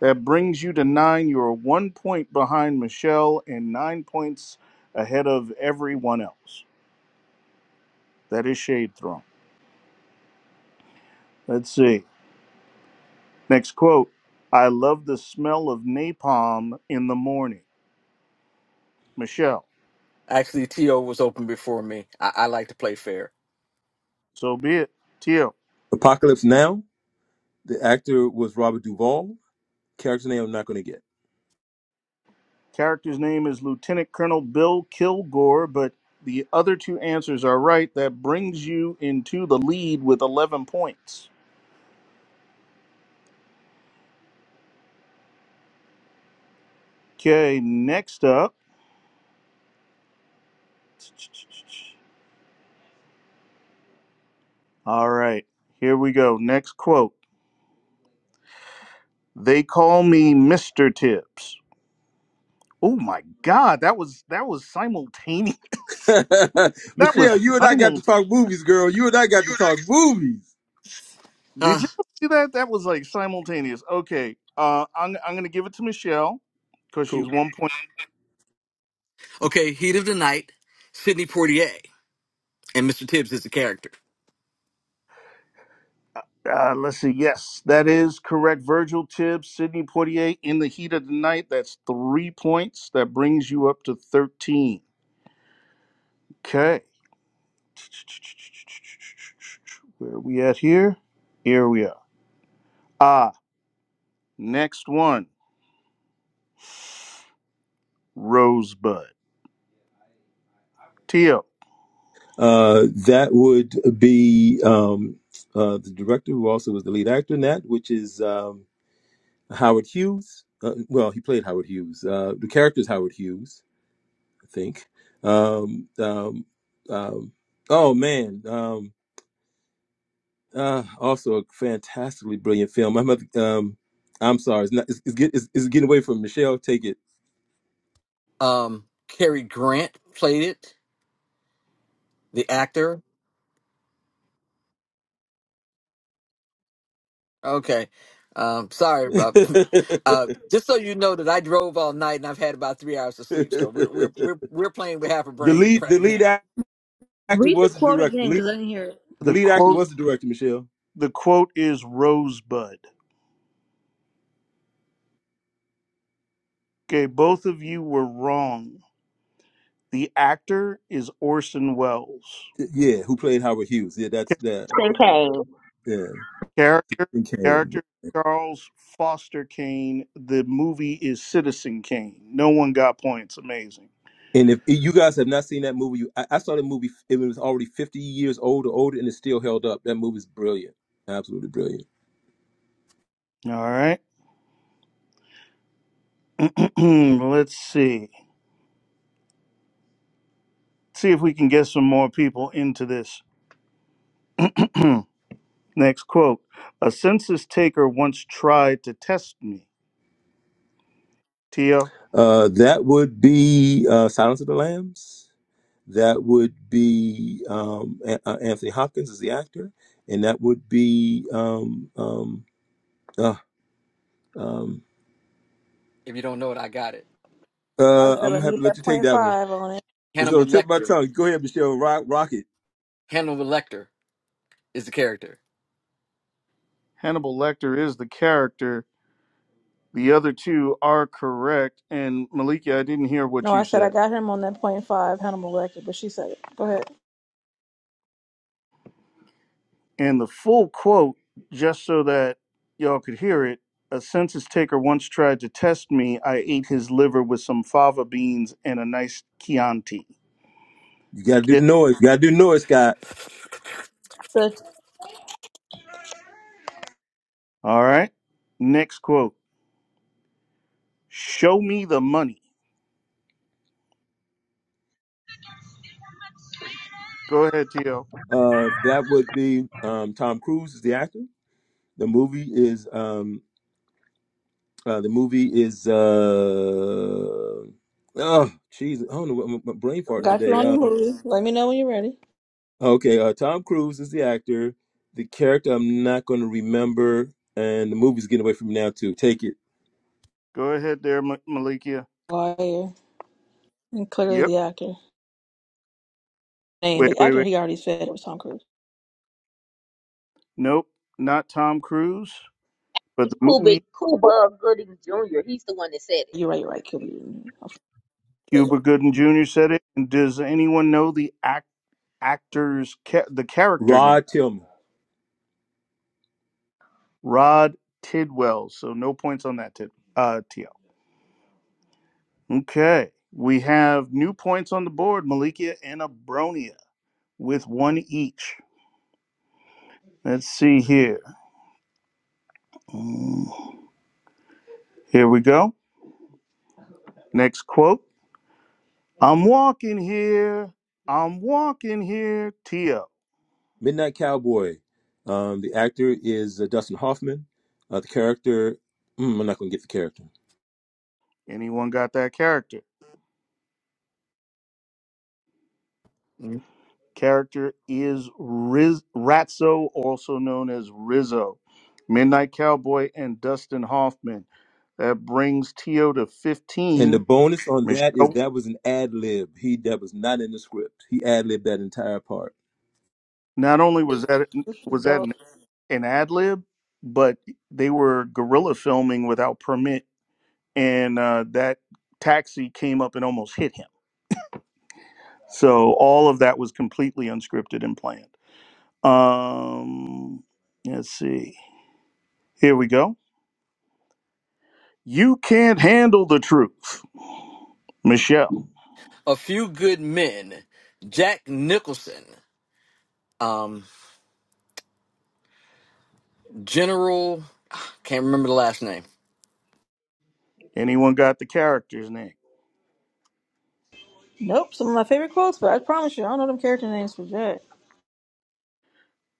That brings you to nine. You're one point behind Michelle and nine points ahead of everyone else. That is Shade Throne. Let's see. Next quote I love the smell of napalm in the morning. Michelle.
Actually, T.O. was open before me. I, I like to play fair.
So be it. Teal.
Apocalypse Now, the actor was Robert Duvall. Character name I'm not going to get.
Character's name is Lieutenant Colonel Bill Kilgore, but the other two answers are right. That brings you into the lead with 11 points. Okay, next up. All right, here we go. Next quote. They call me Mr. Tips. Oh my god, that was that was simultaneous. *laughs*
*laughs*
That was
Michelle, you and I got
simul
to talk movies, girl. You and I got to talk movies.
uh,
Did you see that? That was like simultaneous. Okay. Uh I'm I'm going to give it to Michelle cuz she's
Cool.
one point.
okay, Heat of the Night, Sidney Poitier and Mr. Tibbs is the character.
Uh, let's see. Yes, that is correct. Virgil Tibbs, Sidney Poitier in the heat of the night. That's three points. That brings you up to 13. Okay. Where are we at here? Here we are. Ah, next one. Rosebud. Tio.
Uh, that would be um, uh, the director who also was the lead actor in that, which is um, Howard Hughes. Uh, well, he played Howard Hughes. Uh, the character is Howard Hughes, I think. Um, um, um, oh, man. Um, Uh, also a fantastically brilliant film. I'm, um, I'm sorry, it's not. It's, it's, get, it's, it's getting away from Michelle. Take it.
Um, Cary Grant played it, the actor. Okay. Um,
*laughs*
sorry, Bob. *laughs* Uh,
the
just so you know that I drove all night and I've had about three hours of sleep, so we're we're we're we're playing with half a brain *laughs*
lead, the
right
lead
now.
ac- actor
Read the
was the
quote
director. The
again,
lead,
cause I didn't hear it.
the
The
lead actor
quote
was the director. Michelle.
the quote is Rosebud. Okay, both of you were wrong. The actor is Orson Welles.
Yeah, who played Howard Hughes? Yeah, that's the
Jackson Kane.
yeah.
Character,
And Kane.
character, Charles Foster Kane. The movie is Citizen Kane. No one got points. Amazing.
And if you guys have not seen that movie, you, I, I saw the movie. It was already 50 years old or older, and it's still held up. That movie's brilliant, absolutely brilliant.
All right. *clears throat* Let's see. See if we can get some more people into this. *clears throat* Next quote A census taker once tried to test me. Tia,
Uh, that would be uh, Silence of the Lambs. That would be um, A- uh, Anthony Hopkins is the actor, and that would be um, um, uh, um,
If you don't know it, I got it.
I
uh,
said,
I'm
let
gonna
me
have to
get
let you
that
take
point
that one.
five on it.
It's on the
Hannibal
tip of my
Lecter.
tongue. Go ahead, Michelle. Rock, rock it.
Hannibal Lecter is the character.
Hannibal Lecter is the character. The other two are correct. And Maliki, I didn't hear what
No,
you
I said
said.
I got him on that point five Hannibal Lecter, but she said it. Go ahead.
And the full quote, just so that y'all could hear it a census taker once tried to test me. I ate his liver with some fava beans and a nice Chianti.
You gotta do
Ki-
the noise. You gotta do the noise, Scott.
All right. Next quote Show me the money. Go ahead, T.O.
Uh, that would be um, Tom Cruise is the actor. The movie is um, uh, the movie is uh, oh, jeez, I don't know what my, my brain farting
Got you
today.
on the
Um,
movie. Let me know when you're ready.
Okay, uh, Tom Cruise is the actor. The character I'm not going to remember, and the movie's getting away from me now too. Take it,
Go ahead there, Ma- Malikia.
Lawyer and clearly
Yep.
the actor. Name
Wait,
the
wait,
actor
wait.
he already said it was Tom Cruise.
Nope. Not Tom Cruise, but
It's
the
Cool
movie.
Big Cool Bug Gooding Jr. He's the one that said it.
You're right. You're right. Kill you.
Cuba Gooden Jr. said it. And does anyone know the act- actor's, ca- the character name?
Rod Tillman,
Rod Tidwell. So no points on that tip. Uh, TL. Okay. We have new points on the board. Malikia and Abronia with one each. Let's see here. Mm, Here we go. Next quote. I'm walking here. I'm walking here. TL.
Midnight Cowboy. Um, the actor is uh, Dustin Hoffman. Uh, the character, mm, I'm not going to get the character.
Anyone got that character? Character is Riz- Ratso, also known as Rizzo, Midnight Cowboy, and Dustin Hoffman. That brings Tio to
And the
15
bonus on that is
Michelle,
that was an ad lib. He that was not in the script. He ad libbed that entire part.
not only was that was that an,
Dope.
an ad lib, but they were guerrilla filming without permit, and uh, that taxi came up and almost hit him. So all of that was completely unscripted and planned. Um, let's see. Here we go. You can't handle the truth, Michelle.
a few good men, Jack Nicholson, um, General, can't remember the last name.
Anyone got the character's name?
Nope. Some of my favorite quotes, but I promise you, I don't know them character names for Jack.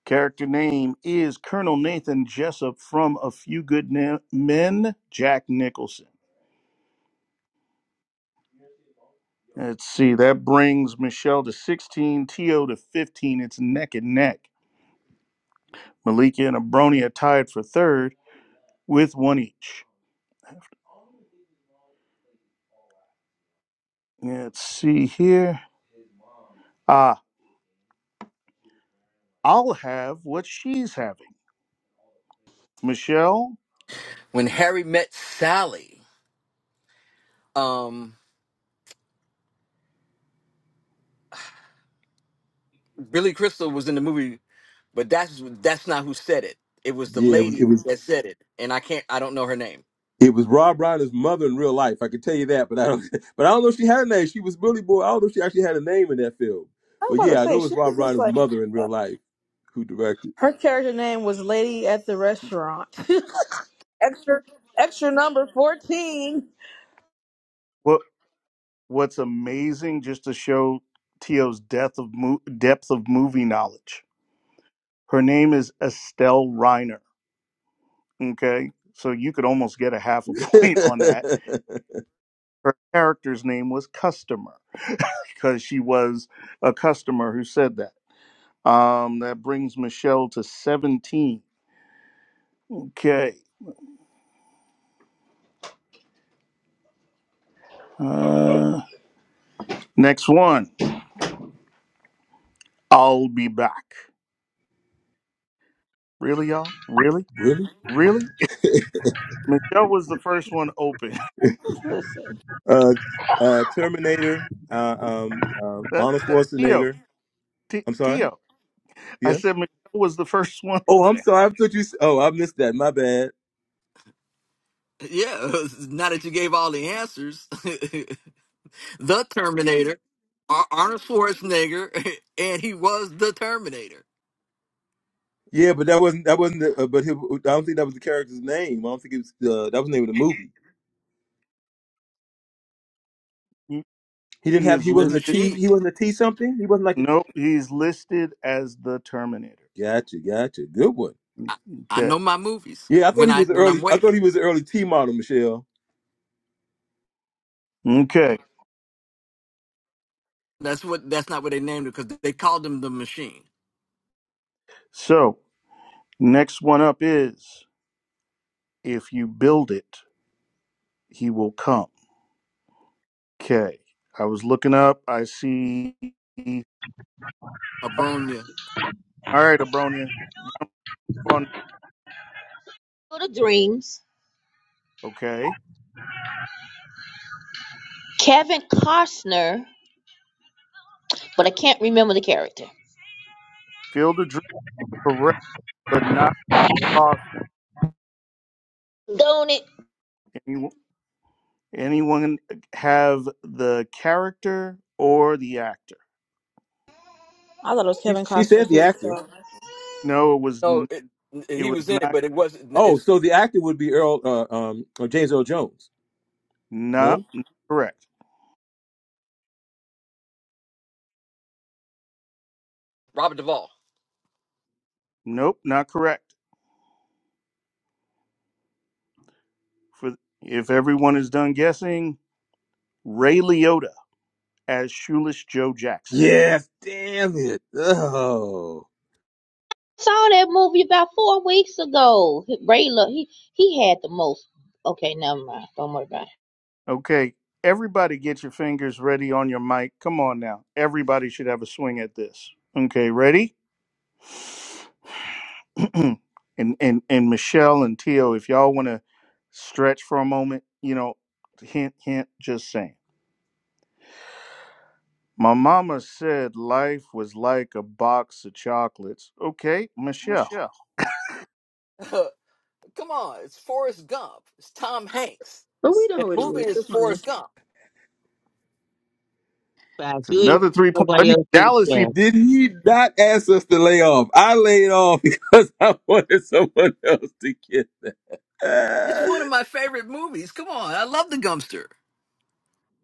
Character name is Colonel Nathan Jessup from A Few Good Na- Men, Jack Nicholson. Let's see. That brings Michelle to 16, Tio to 15. It's neck and neck. Malika and Abronia are tied for third with one each. Let's see here. Ah, I'll have what she's having. Michelle,
When Harry met Sally, um, Billy Crystal was in the movie, but that's that's not who said it. It was the
Yeah, it was. It
lady
was
that said it, and I can't, I don't know her name.
It was Rob Reiner's mother in real life. I can tell you that, but I don't. *laughs* But I don't know if she had a name. She was Billy Boy. I don't know if she actually had a name in that film.
I was
But
about to
yeah, I know
say
it was
she
Rob
was just
Reiner's
like
mother in real life who directed.
her character name was Lady at the Restaurant. *laughs* extra, extra number fourteen.
what what's amazing just to show Tio's depth of mo- depth of movie knowledge. Her name is Estelle Reiner. Okay, so you could almost get a half a *laughs*
*laughs*
point on that her character's name was Customer *laughs* because she was a customer who said that. Um, that brings Michelle to 17. Okay. Uh, next one. I'll be back. Really, y'all? Really?
really?
Really? Michelle was the first one open. *laughs*
Listen,
Uh, uh, Terminator, uh, um, um,
That,
Arnold
that Tio,
Schwarzenegger.
T,
I'm sorry.
Tio. I said
Yes.
Michelle was the *laughs* first one
Oh, I'm
open.
sorry. I thought you. s- Oh, I missed that. My bad.
Yeah, *laughs* now that you gave all the answers, *laughs* the Terminator, Ar- Arnold Schwarzenegger, *laughs* and he was the Terminator,
Yeah, but that wasn't that wasn't. The, uh, but he, I don't think that was the character's name. I don't think it was. Uh, that was the name of the movie.
He
He didn't
he
have.
is
He
the
wasn't a
listed.
T.
machine.
He wasn't a T something. He wasn't like.
Nope, he's listed as the Terminator.
Gotcha, gotcha. Good one.
I, I
Okay.
know my movies
Yeah, I thought
when
he
I
was the
when I'm
early. I
waiting.
thought he was the early T model, Michelle.
Okay.
That's what. That's not what they named it because they called him the Machine,
So next one up is If you build it, he will come. Okay. I was looking up. I see. All
Abronia.
right, Abronia. On.
For the dreams.
Okay.
Kevin Costner, but I can't remember the character.
Field of dream correct, but not Costner.
Don't it?
Anyone, anyone have the character or the actor?
I thought it was
She,
Kevin
she
Costner
said the
too.
actor.
So,
No, it was
No,
n-
it,
it
he
was
was in it,
not
but it wasn't.
Oh,
It's
so the actor would be Earl, uh, um, or James Earl Jones.
not,
No.
not correct.
Robert Duvall.
Nope, not correct. For if everyone is done guessing, Ray Liotta as Shoeless Joe Jackson.
Yes. Damn it. Oh.
Saw that movie about four weeks ago. Ray, look, he he had the most. Okay, never mind. Don't worry about it.
Okay, everybody get your fingers ready on your mic. Come on now. Everybody should have a swing at this. Okay, ready? *clears throat* and and and Michelle and Tio, if y'all want to stretch for a moment, you know, hint hint just saying. My mama said life was like a box of chocolates. Okay, Michelle.
Michelle.
*laughs* Come on, it's Forrest Gump. It's Tom Hanks,
but we know
and
who
the
it
movie
is.
is
Good for you.
Forrest Gump.
But I
It's
do it,
another 3 point. Let
nobody
me
else get a
Dallas even.
chance.
Did he not ask us to lay off? I laid off *laughs* because I wanted someone else to get. *laughs*
It's
Uh,
one of my favorite movies. Come on, I love the Gumpster.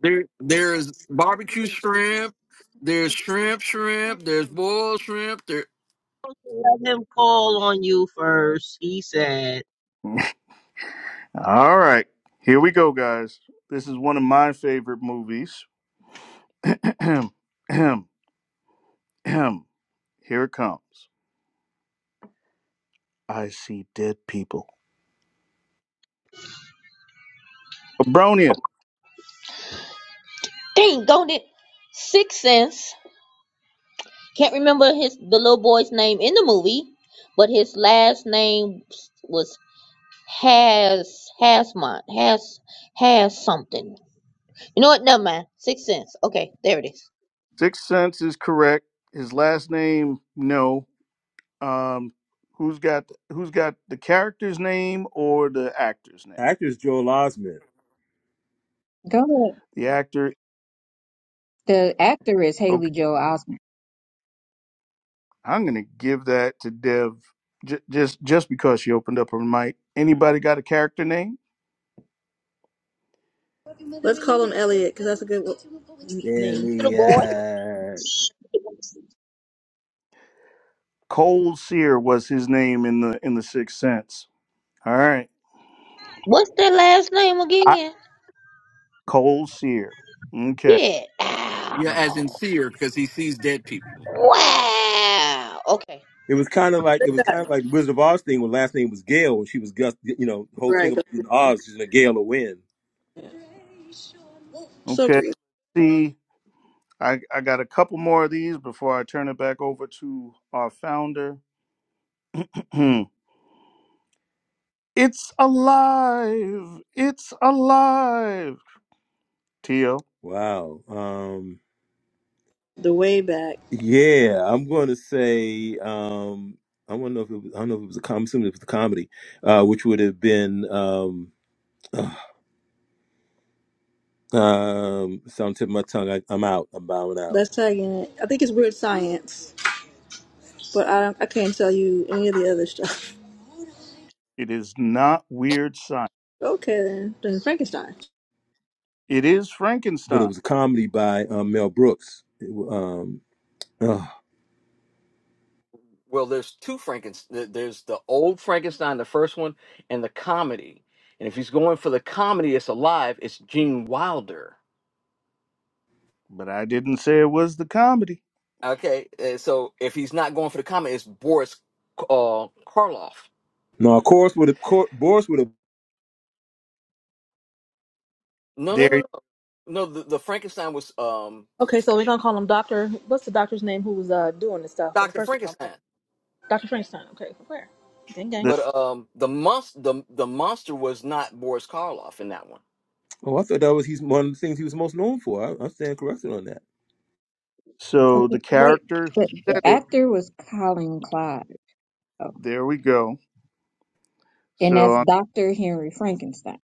There, there's barbecue shrimp. There's shrimp, shrimp. There's boiled shrimp. There,
Let him call on you first. He said
*laughs* All right. Here we go, guys. This is one of my favorite movies. *clears throat* *clears throat* Ahem. Here it comes. I see dead people. Abronia.
Dang, don't it? Six Sense. Can't remember his the little boy's name in the movie, but his last name was Has Hasmont Has Has something. You know what? Never mind. Six Sense. Okay, there it is.
Sixth sense is correct. His last name, no. Um, who's got who's got the character's name or the actor's name?
actor's Joel Osment.
Go ahead.
The actor.
The actor is Haley
Okay,
Joel Osment.
I'm gonna give that to Dev. J- just just because she opened up her mic. Anybody got a character name?
Let's call him Elliot because that's a good w- n- name.
Little
*laughs*
boy.
Billy.
Cole Sear was his name in the in the Sixth Sense. All right,
What's that last name
I,
again?
Cole Sear. Okay,
Yeah. Ah,
yeah, as in sear because he sees dead people.
Wow. Okay.
It was kind of like it was kind of like Wizard of Oz thing when last name was Gale when she was Gus. You know, the whole thing
Right. Go.
about being Oz is a Gale of Wind.
So
okay.
creepy.
See, I, I got a couple more of these before I turn it back over to our founder. *clears throat* it's alive. It's alive. Tio,
Wow. Um.
the way back.
Yeah, I'm going to say. Um. I don't know if it was. I don't know if it was a comedy. It was a comedy, uh, which would have been. Um. Um, so I'm tipping my tongue. I, I'm out. I'm bowing out.
Let's tag in it. I think it's Weird Science, but I don't, I can't tell you any of the other stuff. *laughs*
it is not weird science.
Okay, then, then Frankenstein.
It is
But it
Frankenstein.
was a comedy by um, Mel Brooks. It, wa- um, ugh.
Well, there's two Frankenstein. There's the old Frankenstein, the first one, and the comedy. And if he's going for the comedy, it's alive. It's Gene Wilder.
But I didn't say it was the comedy.
Okay, uh, so if he's not going for the comedy, it's Boris uh, Karloff.
no, of course, with a cour Boris with a.
No, no,
There
no, no, no. The, the Frankenstein was um,
Okay, so we're gonna call him Doctor. What's the doctor's name who was uh doing this stuff in the
Doctor
first one?
Frankenstein,
Doctor Frankenstein. Okay, where? Ding dang.
The,
but um, the monster, the the monster was not Boris Karloff in that one.
Oh, I thought that was he's one of the things he was most known for. I, I stand corrected on that.
so
Okay,
the
wait,
character who
the, the
said it,
actor was Colin Clyde.
there we go.
and
So
that's
um,
Dr. Henry Frankenstein.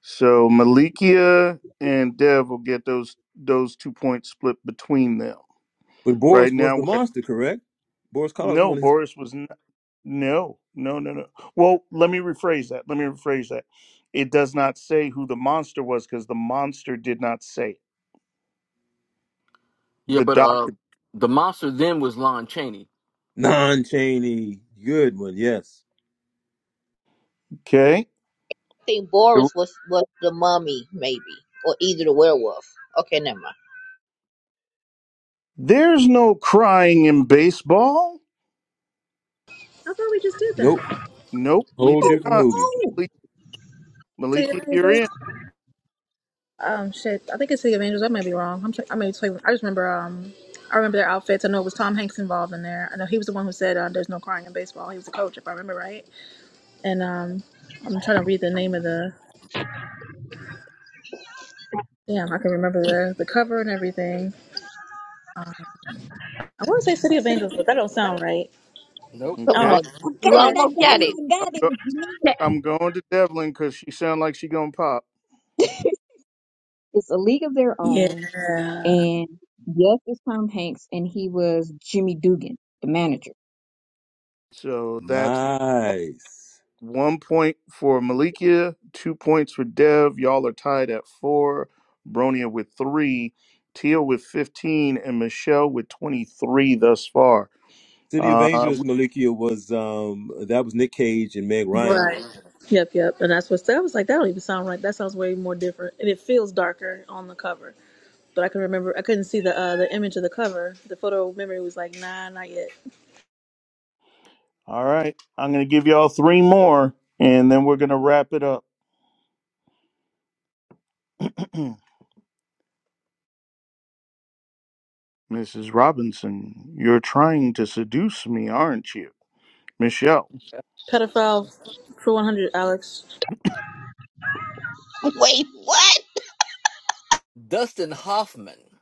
so Malikia and Dev will get those those two points split between them.
But
Right
Boris was
now
the
we're at,
monster, correct? Boris Karloff was
no
one of his
Boris was not, no no no no. Well, let me rephrase that. Let me rephrase that. It does not say who the monster was because the monster did not say
Yeah,
the
but uh,
doctor.
the monster then was Lon Chaney.
non-Cheney good one. Yes.
Okay,
think Boris was was the mummy, maybe, or either the werewolf. Okay, never mind.
there's no crying in baseball.
I thought we just did
Nope.
that.
Nope, we
Whole
did
Oh,
different
oh,
not.
movie.
oh!
City of
Maliki, you're
Angels.
in.
Um, shit. I think it's City of Angels. I might be wrong. I'm. Tra- I may be totally- I just remember. Um, I remember their outfits. I know it was Tom Hanks involved in there. I know he was the one who said, uh, "There's no crying in baseball." He was the coach, if I remember right. And um, I'm trying to read the name of the Damn, I can remember the, the cover and everything. I want to say City of Angels, but that don't sound right.
Nope,
Come
I don't
Okay.
know.
on,
I
you
Go
got it!
ahead.
I got
almost got
it!
it.
I got it! What you mean? it?
*laughs*
I'm going to Devlin because she sound like she gonna pop.
It's a league of their own.
Yeah.
And yes, it's Tom Hanks, and he was Jimmy Dugan, the manager.
So that's
Nice.
one point for Malikia, two points for Dev. Y'all are tied at four. Bronia with three, Teal with fifteen, and Michelle with twenty-three thus far.
City of
Uh,
Angels, Malikia was um that was Nick Cage and Meg Ryan,
Right. Yep, yep. And that's what I was like. That don't even sound right. That sounds way more different, and it feels darker on the cover. But I can remember. I couldn't see the uh, the image of the cover. The photo memory was like, nah, not yet.
all right, I'm gonna give y'all three more, and then we're gonna wrap it up. *clears throat* Mrs. Robinson, you're trying to seduce me, aren't you? Michelle,
Pedophile for one hundred, Alex.
Wait, what?
Dustin Hoffman,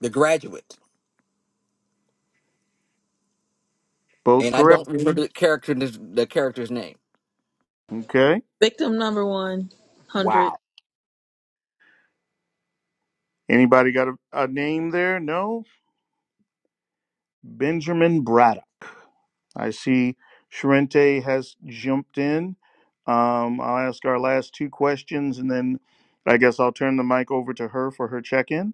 the Graduate.
both
and I
correct.
don't remember the character the character's name.
Okay.
Victim number one hundred.
Wow. Anybody got a, a name there? No? Benjamin Braddock. I see Sharente has jumped in. Um, I'll ask our last two questions and then I guess I'll turn the mic over to her for her check in.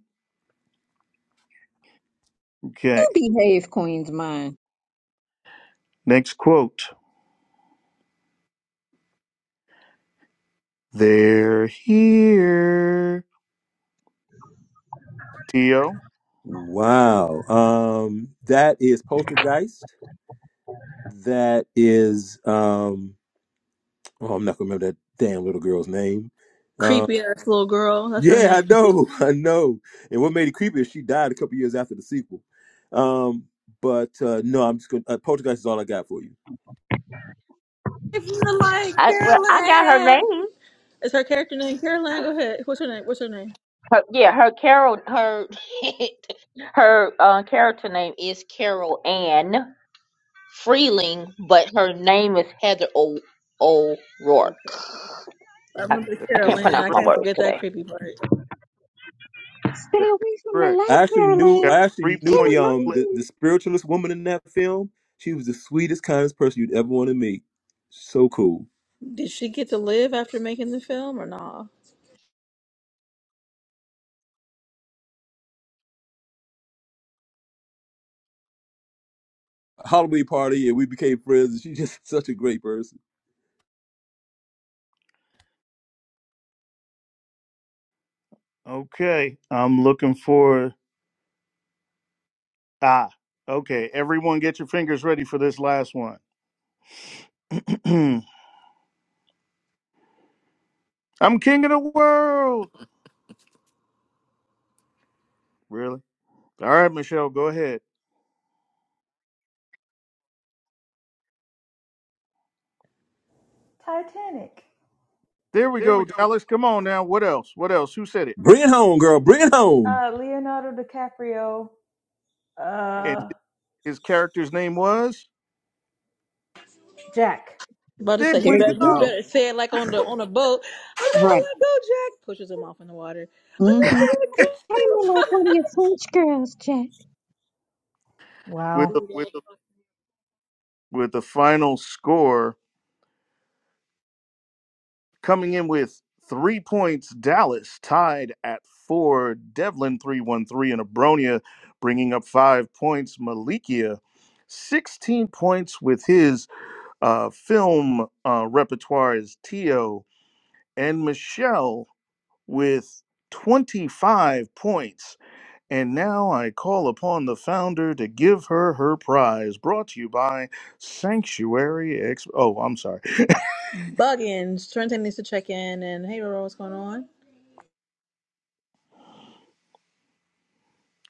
Okay.
You behave, Queen's Mind.
Next quote. They're here. Tio.
Wow. Um, that is Poltergeist. That is um oh I'm not gonna remember that damn little girl's name. Um
Creepy ass little girl. That's her
yeah, I
name.
know, *laughs* I know. And what made it creepy is she died a couple years after the sequel. Um, but uh no, I'm just gonna uh, Poltergeist is all I got for you.
If you like
I, well, I got her
Carolyn.
name.
Is her character name Caroline? Go ahead. What's her name? What's her name?
Her, yeah, her Carol, her *laughs* her uh, character name is Carol Ann Freeling, but her name is Heather O. O'Rourke.
Okay. I
I,
remember the
That
I can't
is
Caroline.
pronounce
I
my
correct.
can't
words
forget that
today.
creepy part.
Stay
That is
away from the
correct.
light,
I actually knew
We got
Caroline.
I
three
actually knew
point
the um
split.
the, the
Caroline.
spiritualist woman in that film. She was the sweetest, kindest person you'd ever want to meet. So cool.
Did she get to live after making the film or nah?
Halloween party and we became friends and she's just *laughs* such a great person.
Okay. I'm looking for ah. Okay. Everyone get your fingers ready for this last one. *clears throat* I'm king of the world. Really? All right, Michelle, go ahead.
Titanic.
There we
There we
go,
go.
Dallas. Come on now. What else? What else? Who said it?
Bring it home, girl. Bring it home.
Come on. Uh, Leonardo DiCaprio.
And
Uh,
his character's name was?
Jack.
About to
There
say you
There
we
better
you
you
go.
go.
better say it like on the on a boat. I never
Right.
let go, Jack. Pushes him off in the water. I
*laughs*
Mm-hmm.
never let
Pay me like one of your
go.
French girls, Jack.
With the
Wow. With the
with the final score coming in with three points, Dallas tied at four. Devlin three one three and Abronia bringing up five points. Malikia. 16 points with his uh, film uh, repertoire is Tio and Michelle with 25 points. And now I call upon the founder to give her her prize. Brought to you by Sanctuary X. Oh, I'm sorry.
Buggins. Trenton needs to check in and hey Roro, what's going on?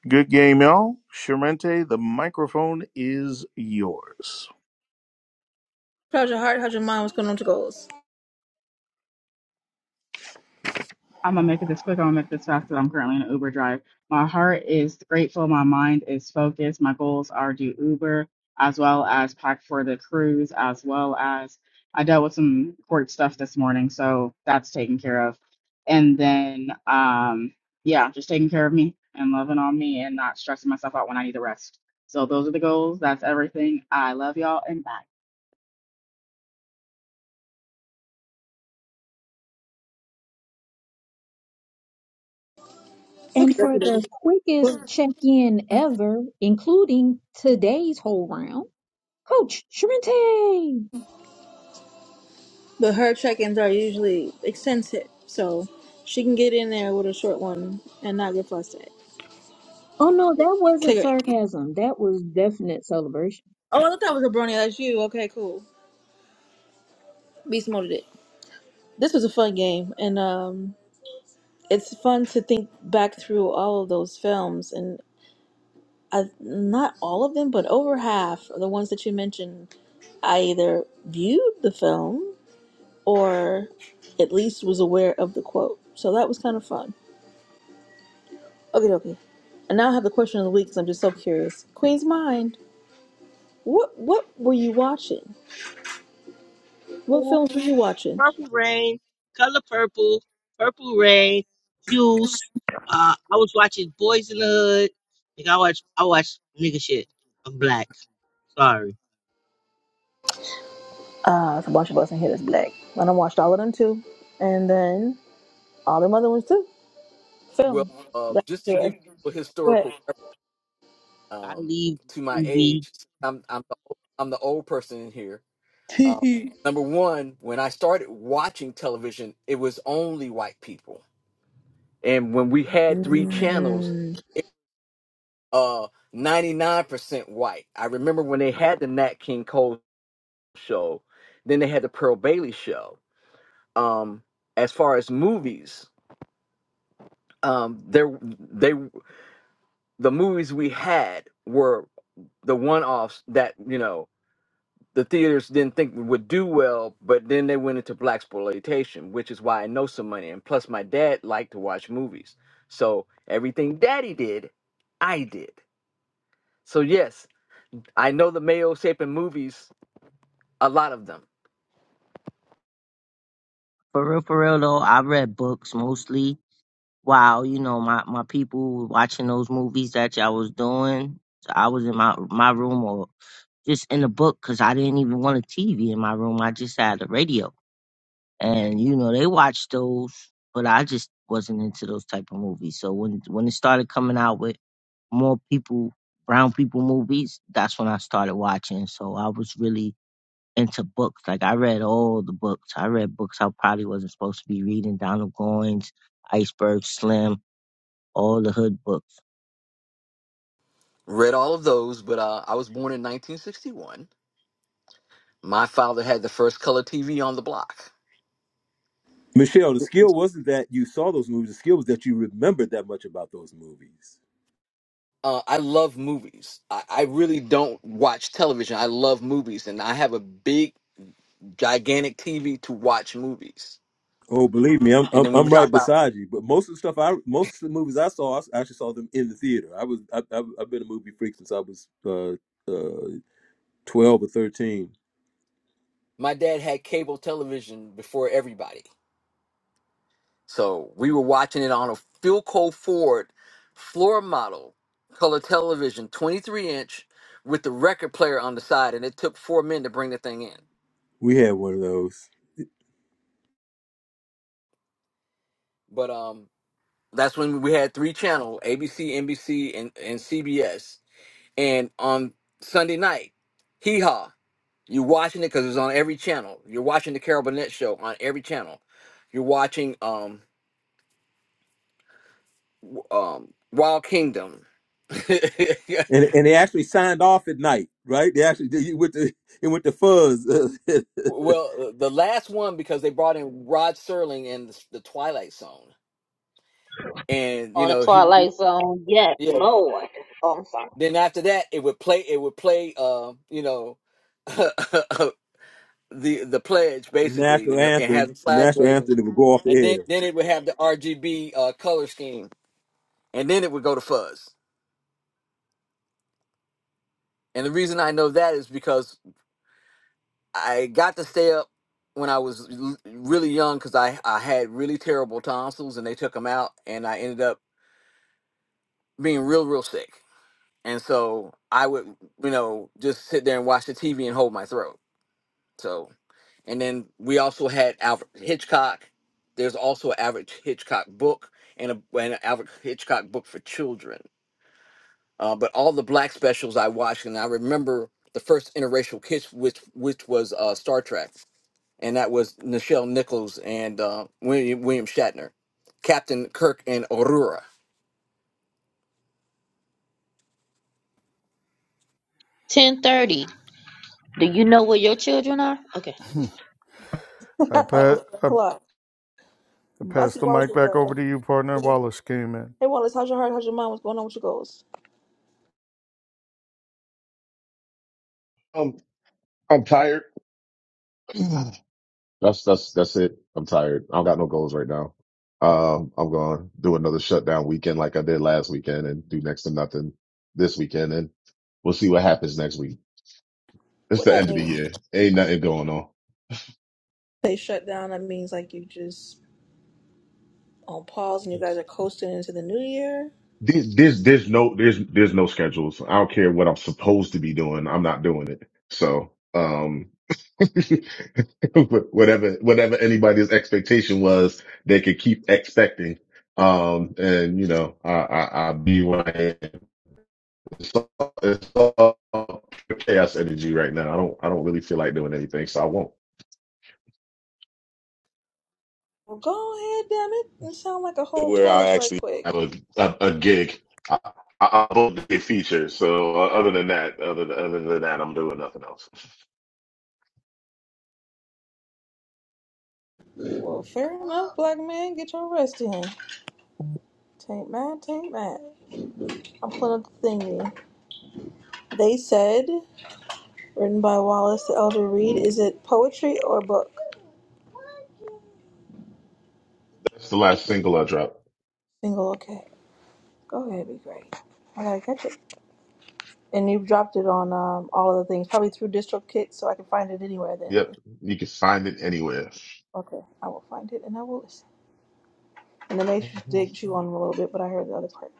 Good game, y'all. Sharente, the microphone is yours.
How's your heart? How's your mind? What's going on with your goals?
I'm gonna make it this quick. I'm gonna make this fast. 'cause I'm currently in an Uber drive. My heart is grateful. My mind is focused. My goals are do Uber as well as pack for the cruise, as well as I dealt with some court stuff this morning, so that's taken care of. And then, um, yeah, just taking care of me and loving on me and not stressing myself out when I need to rest. So those are the goals. That's everything. I love y'all and bye.
Okay.
And for the
okay.
quickest
But
check-in ever, including today's whole round, Coach Shrente.
her check-ins are usually extensive, so she can get in there with a short one and not get flustered.
Oh no, that wasn't
Cigarette.
sarcasm. That was definite celebration.
Oh, I thought that was a brony. That's you. Okay, cool. We molded it. This was a fun game, and um, it's fun to think back through all of those films, and I, not all of them, but over half of the ones that you mentioned, I either viewed the film or at least was aware of the quote. So that was kind of fun. Okay, okay. And now I have the question of the week because I'm just so curious. Queen's Mind. What what were you watching? What
"Cool.
films were you watching?
purple rain, color purple, purple rain, juice. Uh I was watching Boys in the Hood. Like I watch I watch nigga shit. I'm black. Sorry.
Uh, it's a bunch of us in here that's black. And I watched all of them too. And then all them other ones too.
Well,
Film.
uh,
That's
just to
good.
give you a
But
historical reference,
I
um,
leave
to
the
my
TV.
age, since I'm I'm the, old- I'm the old person in here.
*laughs*
Um,
mm.
number one, when I started watching television, it was only white people, and when we had three channels,
*laughs*
it uh ninety nine percent white. I remember when they had the Nat King Cole show, then they had the Pearl Bailey show. Um, as far as movies, um, there they the movies we had were the one-offs that you know the theaters didn't think would do well, but then they went into black exploitation, which is why I know some money. And plus, my dad liked to watch movies, so everything Daddy did, I did. So yes, I know the Mayo Sapin movies, a lot of them.
For real, for real though, I read books mostly while you know my my people were watching those movies that y'all was doing. So I was in my my room or just in the book because I didn't even want a TV in my room. I just had a radio, and you know they watched those, but I just wasn't into those type of movies. So when when it started coming out with more people, brown people movies, that's when I started watching. So I was really into books. Like I read all the books. I read books I probably wasn't supposed to be reading. Donald Goins, Iceberg Slim all the hood books.
Read all of those, but uh, I was born in 1961. My father had the first color TV on the block.
Michelle, the skill wasn't that you saw those movies. The skill was that you remembered that much about those movies.
uh, I love movies. I, I really don't watch television. I love movies, and I have a big, gigantic TV to watch movies.
Oh, believe me, I'm
And
I'm,
then when
I'm
we
right
talk about,
beside you. But most of the stuff I most of the movies I saw, I s- actually saw them in the theater. I was I, I, I've been a movie freak since I was uh, uh, twelve or thirteen.
my dad had cable television before everybody, so we were watching it on a Philco Ford floor model color television, 23 inch, with the record player on the side, and it took four men to bring the thing in.
We had one of those,
But um, that's when we had three channel: ABC, NBC, and and CBS And on Sunday night, hee haw, you're watching it because it's on every channel. You're watching the Carol Burnett show on every channel. You're watching um w- um Wild Kingdom. *laughs*
and and they actually signed off at night, right? They actually did with the it went to fuzz, *laughs* the
well, uh, the last one because they brought in Rod Serling and the, the Twilight Zone, and you
On the
know he would do
Twilight Zone. Yes,
yeah.
Lord. Oh, I'm sorry.
Then after that, it would play. It would play. Uh, you know, *laughs* the the pledge basically,
national
and, and had
anthem,
a
the
flag
national
waving
anthem that would go off the
and then
air.
then it would have the RGB uh, color scheme, and then it would go to fuzz. And the reason I know that is because I got to stay up when I was l- really young because I I had really terrible tonsils, and they took them out, and I ended up being real real sick. And so I would you know just sit there and watch the TV and hold my throat. So and then we also had Alfred Hitchcock. There's also an Alfred Hitchcock book and a and an Alfred Hitchcock book for children uh, but all the black specials I watched, and I remember the first interracial kiss, which which was uh, Star Trek, and that was Nichelle Nichols and uh, William, William Shatner, Captain Kirk and Aurora.
Ten thirty. Do you know where your children are? Okay.
it was seven o'clock. I see Wallace is uh,
Man,
Hey Wallace, how's your heart? How's your mind? What's going on with your goals?
Um, I'm tired. *clears throat* that's that's that's it. I'm tired. I don't got no goals right now. Um, I'm going to do another shutdown weekend like I did last weekend, and do next to nothing this weekend, and we'll see what happens next week. It's
What
the
that
end of the
means?
year. Ain't nothing going on.
They shut down, that means like you just on pause and you guys are coasting into the new year.
There's, there's, there's no, there's, there's no schedules. I don't care what I'm supposed to be doing. I'm not doing it. So, um *laughs* whatever whatever anybody's expectation was, they could keep expecting. Um, and you know, I I, I be when I am. It's all, it's all chaos energy right now. I don't I don't really feel like doing anything, so I won't.
Well go ahead, damn it, and sound like a whole
where I
tourist right
actually
quick.
have a a, a gig. I, I, I booked a feature. So uh, other than that, other than, other than that, I'm doing nothing else.
Well, fair enough, black man, get your rest in. Taint mad, taint mad. I'll put up the thingy. They said, written by Wallace the Elder Reed. Is it poetry or book?
That's the last single I dropped.
Single, okay. Go ahead, be great. I gotta catch it. And you've dropped it on um, all of the things, probably through DistroKid, so I can find it anywhere then.
Yep, you can find it anywhere.
Okay, I will find it and I will listen. And the Matrix
Mhm.
did chew on a little bit, but I heard the other part.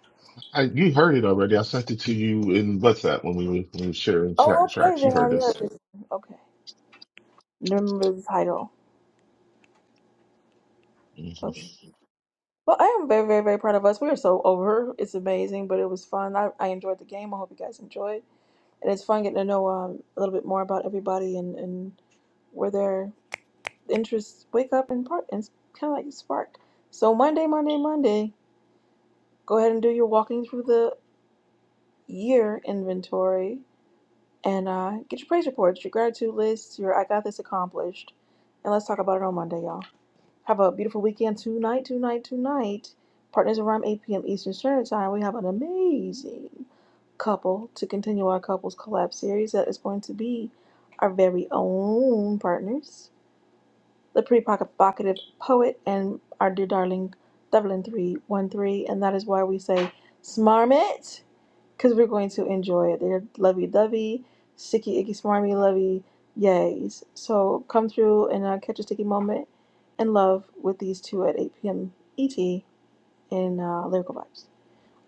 I, you heard it already. I sent it to you in WhatsApp when we were, when we were sharing
Oh,
tra-
okay,
tracks. You
then I
heard
heard
this.
this. Okay. Remember the title. Oh, shoot. Well, I am very, very, very proud of us. We are so over. It's amazing, but it was fun. I, I enjoyed the game. I hope you guys enjoyed. and it's fun getting to know um, a little bit more about everybody and, and where their interests wake up and part and kind of like spark. So Monday, Monday, Monday, go ahead and do your walking through the year inventory and uh, get your praise reports, your gratitude lists, your I got this accomplished, and let's talk about it on Monday, y'all. Have a beautiful weekend tonight, tonight, tonight. Partners around 8 p.m. Eastern Standard Time. We have an amazing couple to continue our couples collab series that is going to be our very own partners, the pretty provocative poet and our dear darling Devlin three one three, and that is why we say smarm it because we're going to enjoy it. They're lovey dovey, sticky icky smarmy lovey yays. So come through and uh, catch a sticky moment in love with these two at 8 p.m. ET in uh, Lyrical Vibes.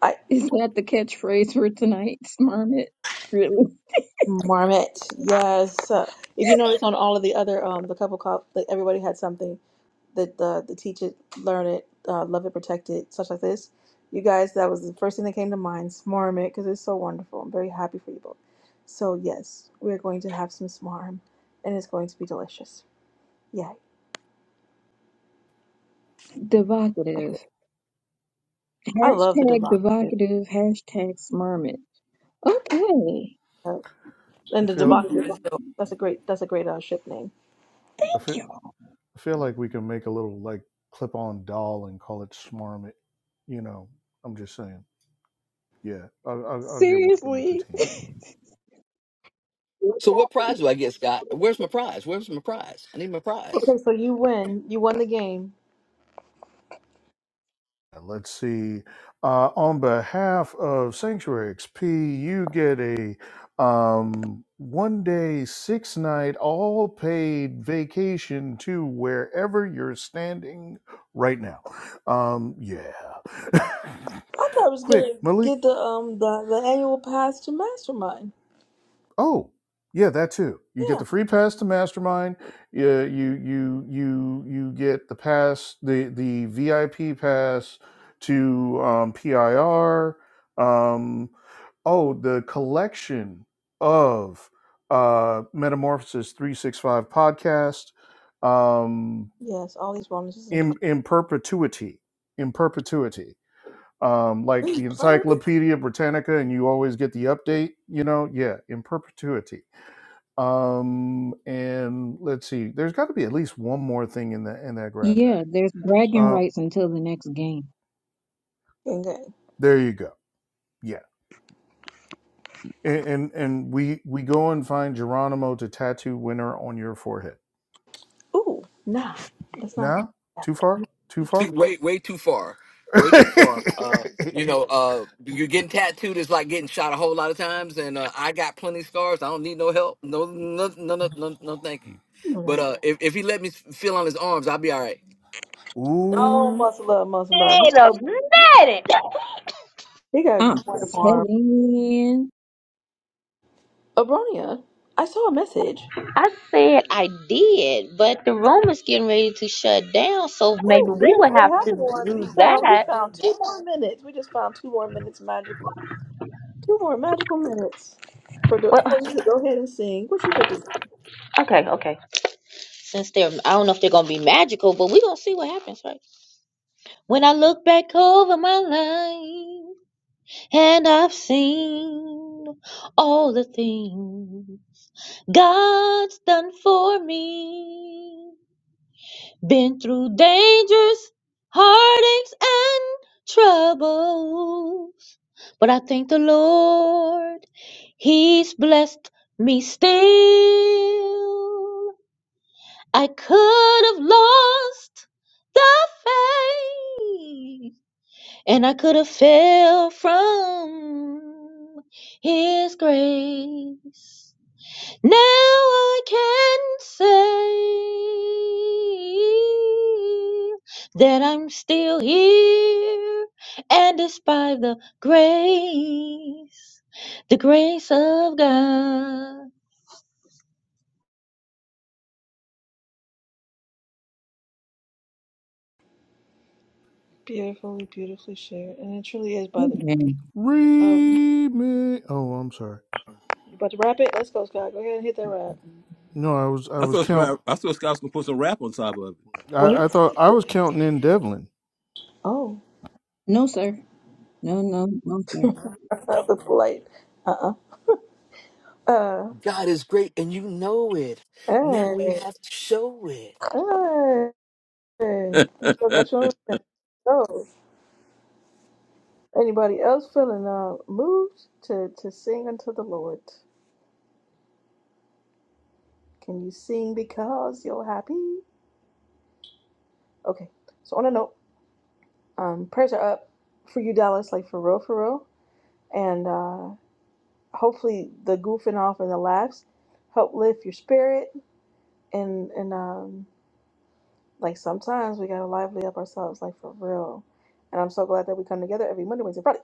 I
*laughs* Is that the catchphrase for tonight's Smurmit? Really?
Marmot, yes. Uh, if you notice on all of the other um the couple call, like everybody had something. that the the teach it, learn it, uh, love it, protect it, such like this. You guys, that was the first thing that came to mind. Smarm it because it's so wonderful. I'm very happy for you both. So yes, we're going to have some smarm, and it's going to be delicious. Yay! Okay,
Devocative.
I love the
Hashtag
Devocative,
devocative, hashtag Smurmit. Okay.
uh,
I
and the
feel
Devocative is
Thank
dope. That's a great. That's a great uh, ship name.
I feel,
you.
I feel like we can make a little like clip-on doll and call it Smarmit. You know, I'm just saying. Yeah, I'll, I'll, I'll get working with the
Seriously?
team.
So what prize do I get, Scott? Where's my prize? Where's my prize? I need my prize.
Okay, so you win. You won the game.
And let's see. Uh, on behalf of Sanctuary XP, you get a um, one day, six night, all paid vacation to wherever you're standing right now. Um, yeah. *laughs*
I thought I was
Quick,
gonna
Malik.
get the um the, the annual pass to Mastermind.
Oh, yeah, that too. You get
Yeah.
the free pass to Mastermind. You you you you you get the pass, the the VIP pass to um, PIR. Um, oh, the collection of uh, Metamorphosis three six five podcast um,
Yes, all these bonuses and
in in perpetuity, in perpetuity. Um, like
prizes. Please
the
play.
Encyclopedia Britannica, and you always get the update. You know, yeah, in perpetuity um, and let's see, there's got to be at least one more thing in that in that grab
Yeah,
bag.
there's bragging
Uh,
rights until the next game.
*laughs*
there you go. Yeah, and and, and we we go and find Geronimo to tattoo winner on your forehead.
Ooh, nah, that's not.
Nah, too far, too
too,
far. *laughs*
way way too far, way too far. Uh, you know, uh, you're getting tattooed is like getting shot a whole lot of times, and uh, I got plenty of scars. I don't need no help. No, no, no, no, no, no thank you.
No, that's-
But uh, if if he let me feel on his arms, I'll be all right.
Oh,
Ooh,
much love, much love. He,
Wait a minute.
he got a
I'm
wonderful arm.
telling.
Abronia, I saw a message.
I said I did, but the room is getting ready to shut down, so maybe
Oh
we
yes,
would
what
have to
happened was we
do
found we
that.
found two more minutes. We just found two more minutes magically. Two more magical minutes for the
Well,
for you to go ahead and sing. What you fit to do?
okay, okay. Since they're, I don't know if they're gonna be magical, but we're gonna see what happens, right? When I look back over my life, and I've seen all the things God's done for me. Been through dangers, heartaches, and troubles. But I thank the Lord, He's blessed me still. I could have lost the faith, and I could have fell from His grace. Now I can say that I'm still here, and despite the grace, the grace of God,
Beautifully, beautifully shared, and it truly is by the.
Amen.
Um,
remix. Oh, I'm sorry.
you about to wrap it? Let's go, Scott. Go ahead and hit that wrap.
No, I was I
I
was
thought
count.
Scott, I thought Scott was gonna put some rap on top of
Wait.
I, I thought I was counting in Devlin.
Oh,
No, sir. No, no, no, sir.
that's the polite. Uh uh. Uh.
God is great, and you know it. Now we
Hey.
have to show it.
Hey. Hey, you still
it.
got
*laughs*
your show. Anybody else feeling uh moved to to sing unto the Lord? Can you sing because you're happy? Okay. So on a note, um, prayers are up for you, Dallas. Like for real, for real. And uh, hopefully the goofing off and the laughs help lift your spirit. And and um, like sometimes we gotta lively up ourselves, like for real. And I'm so glad that we come together every Monday, Wednesday, Friday,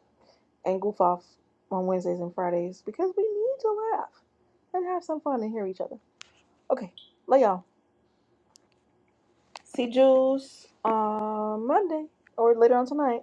and goof off on Wednesdays and Fridays because we need to laugh. and have some fun and hear each other. Okay, love y'all. See Jules on Monday or later on tonight.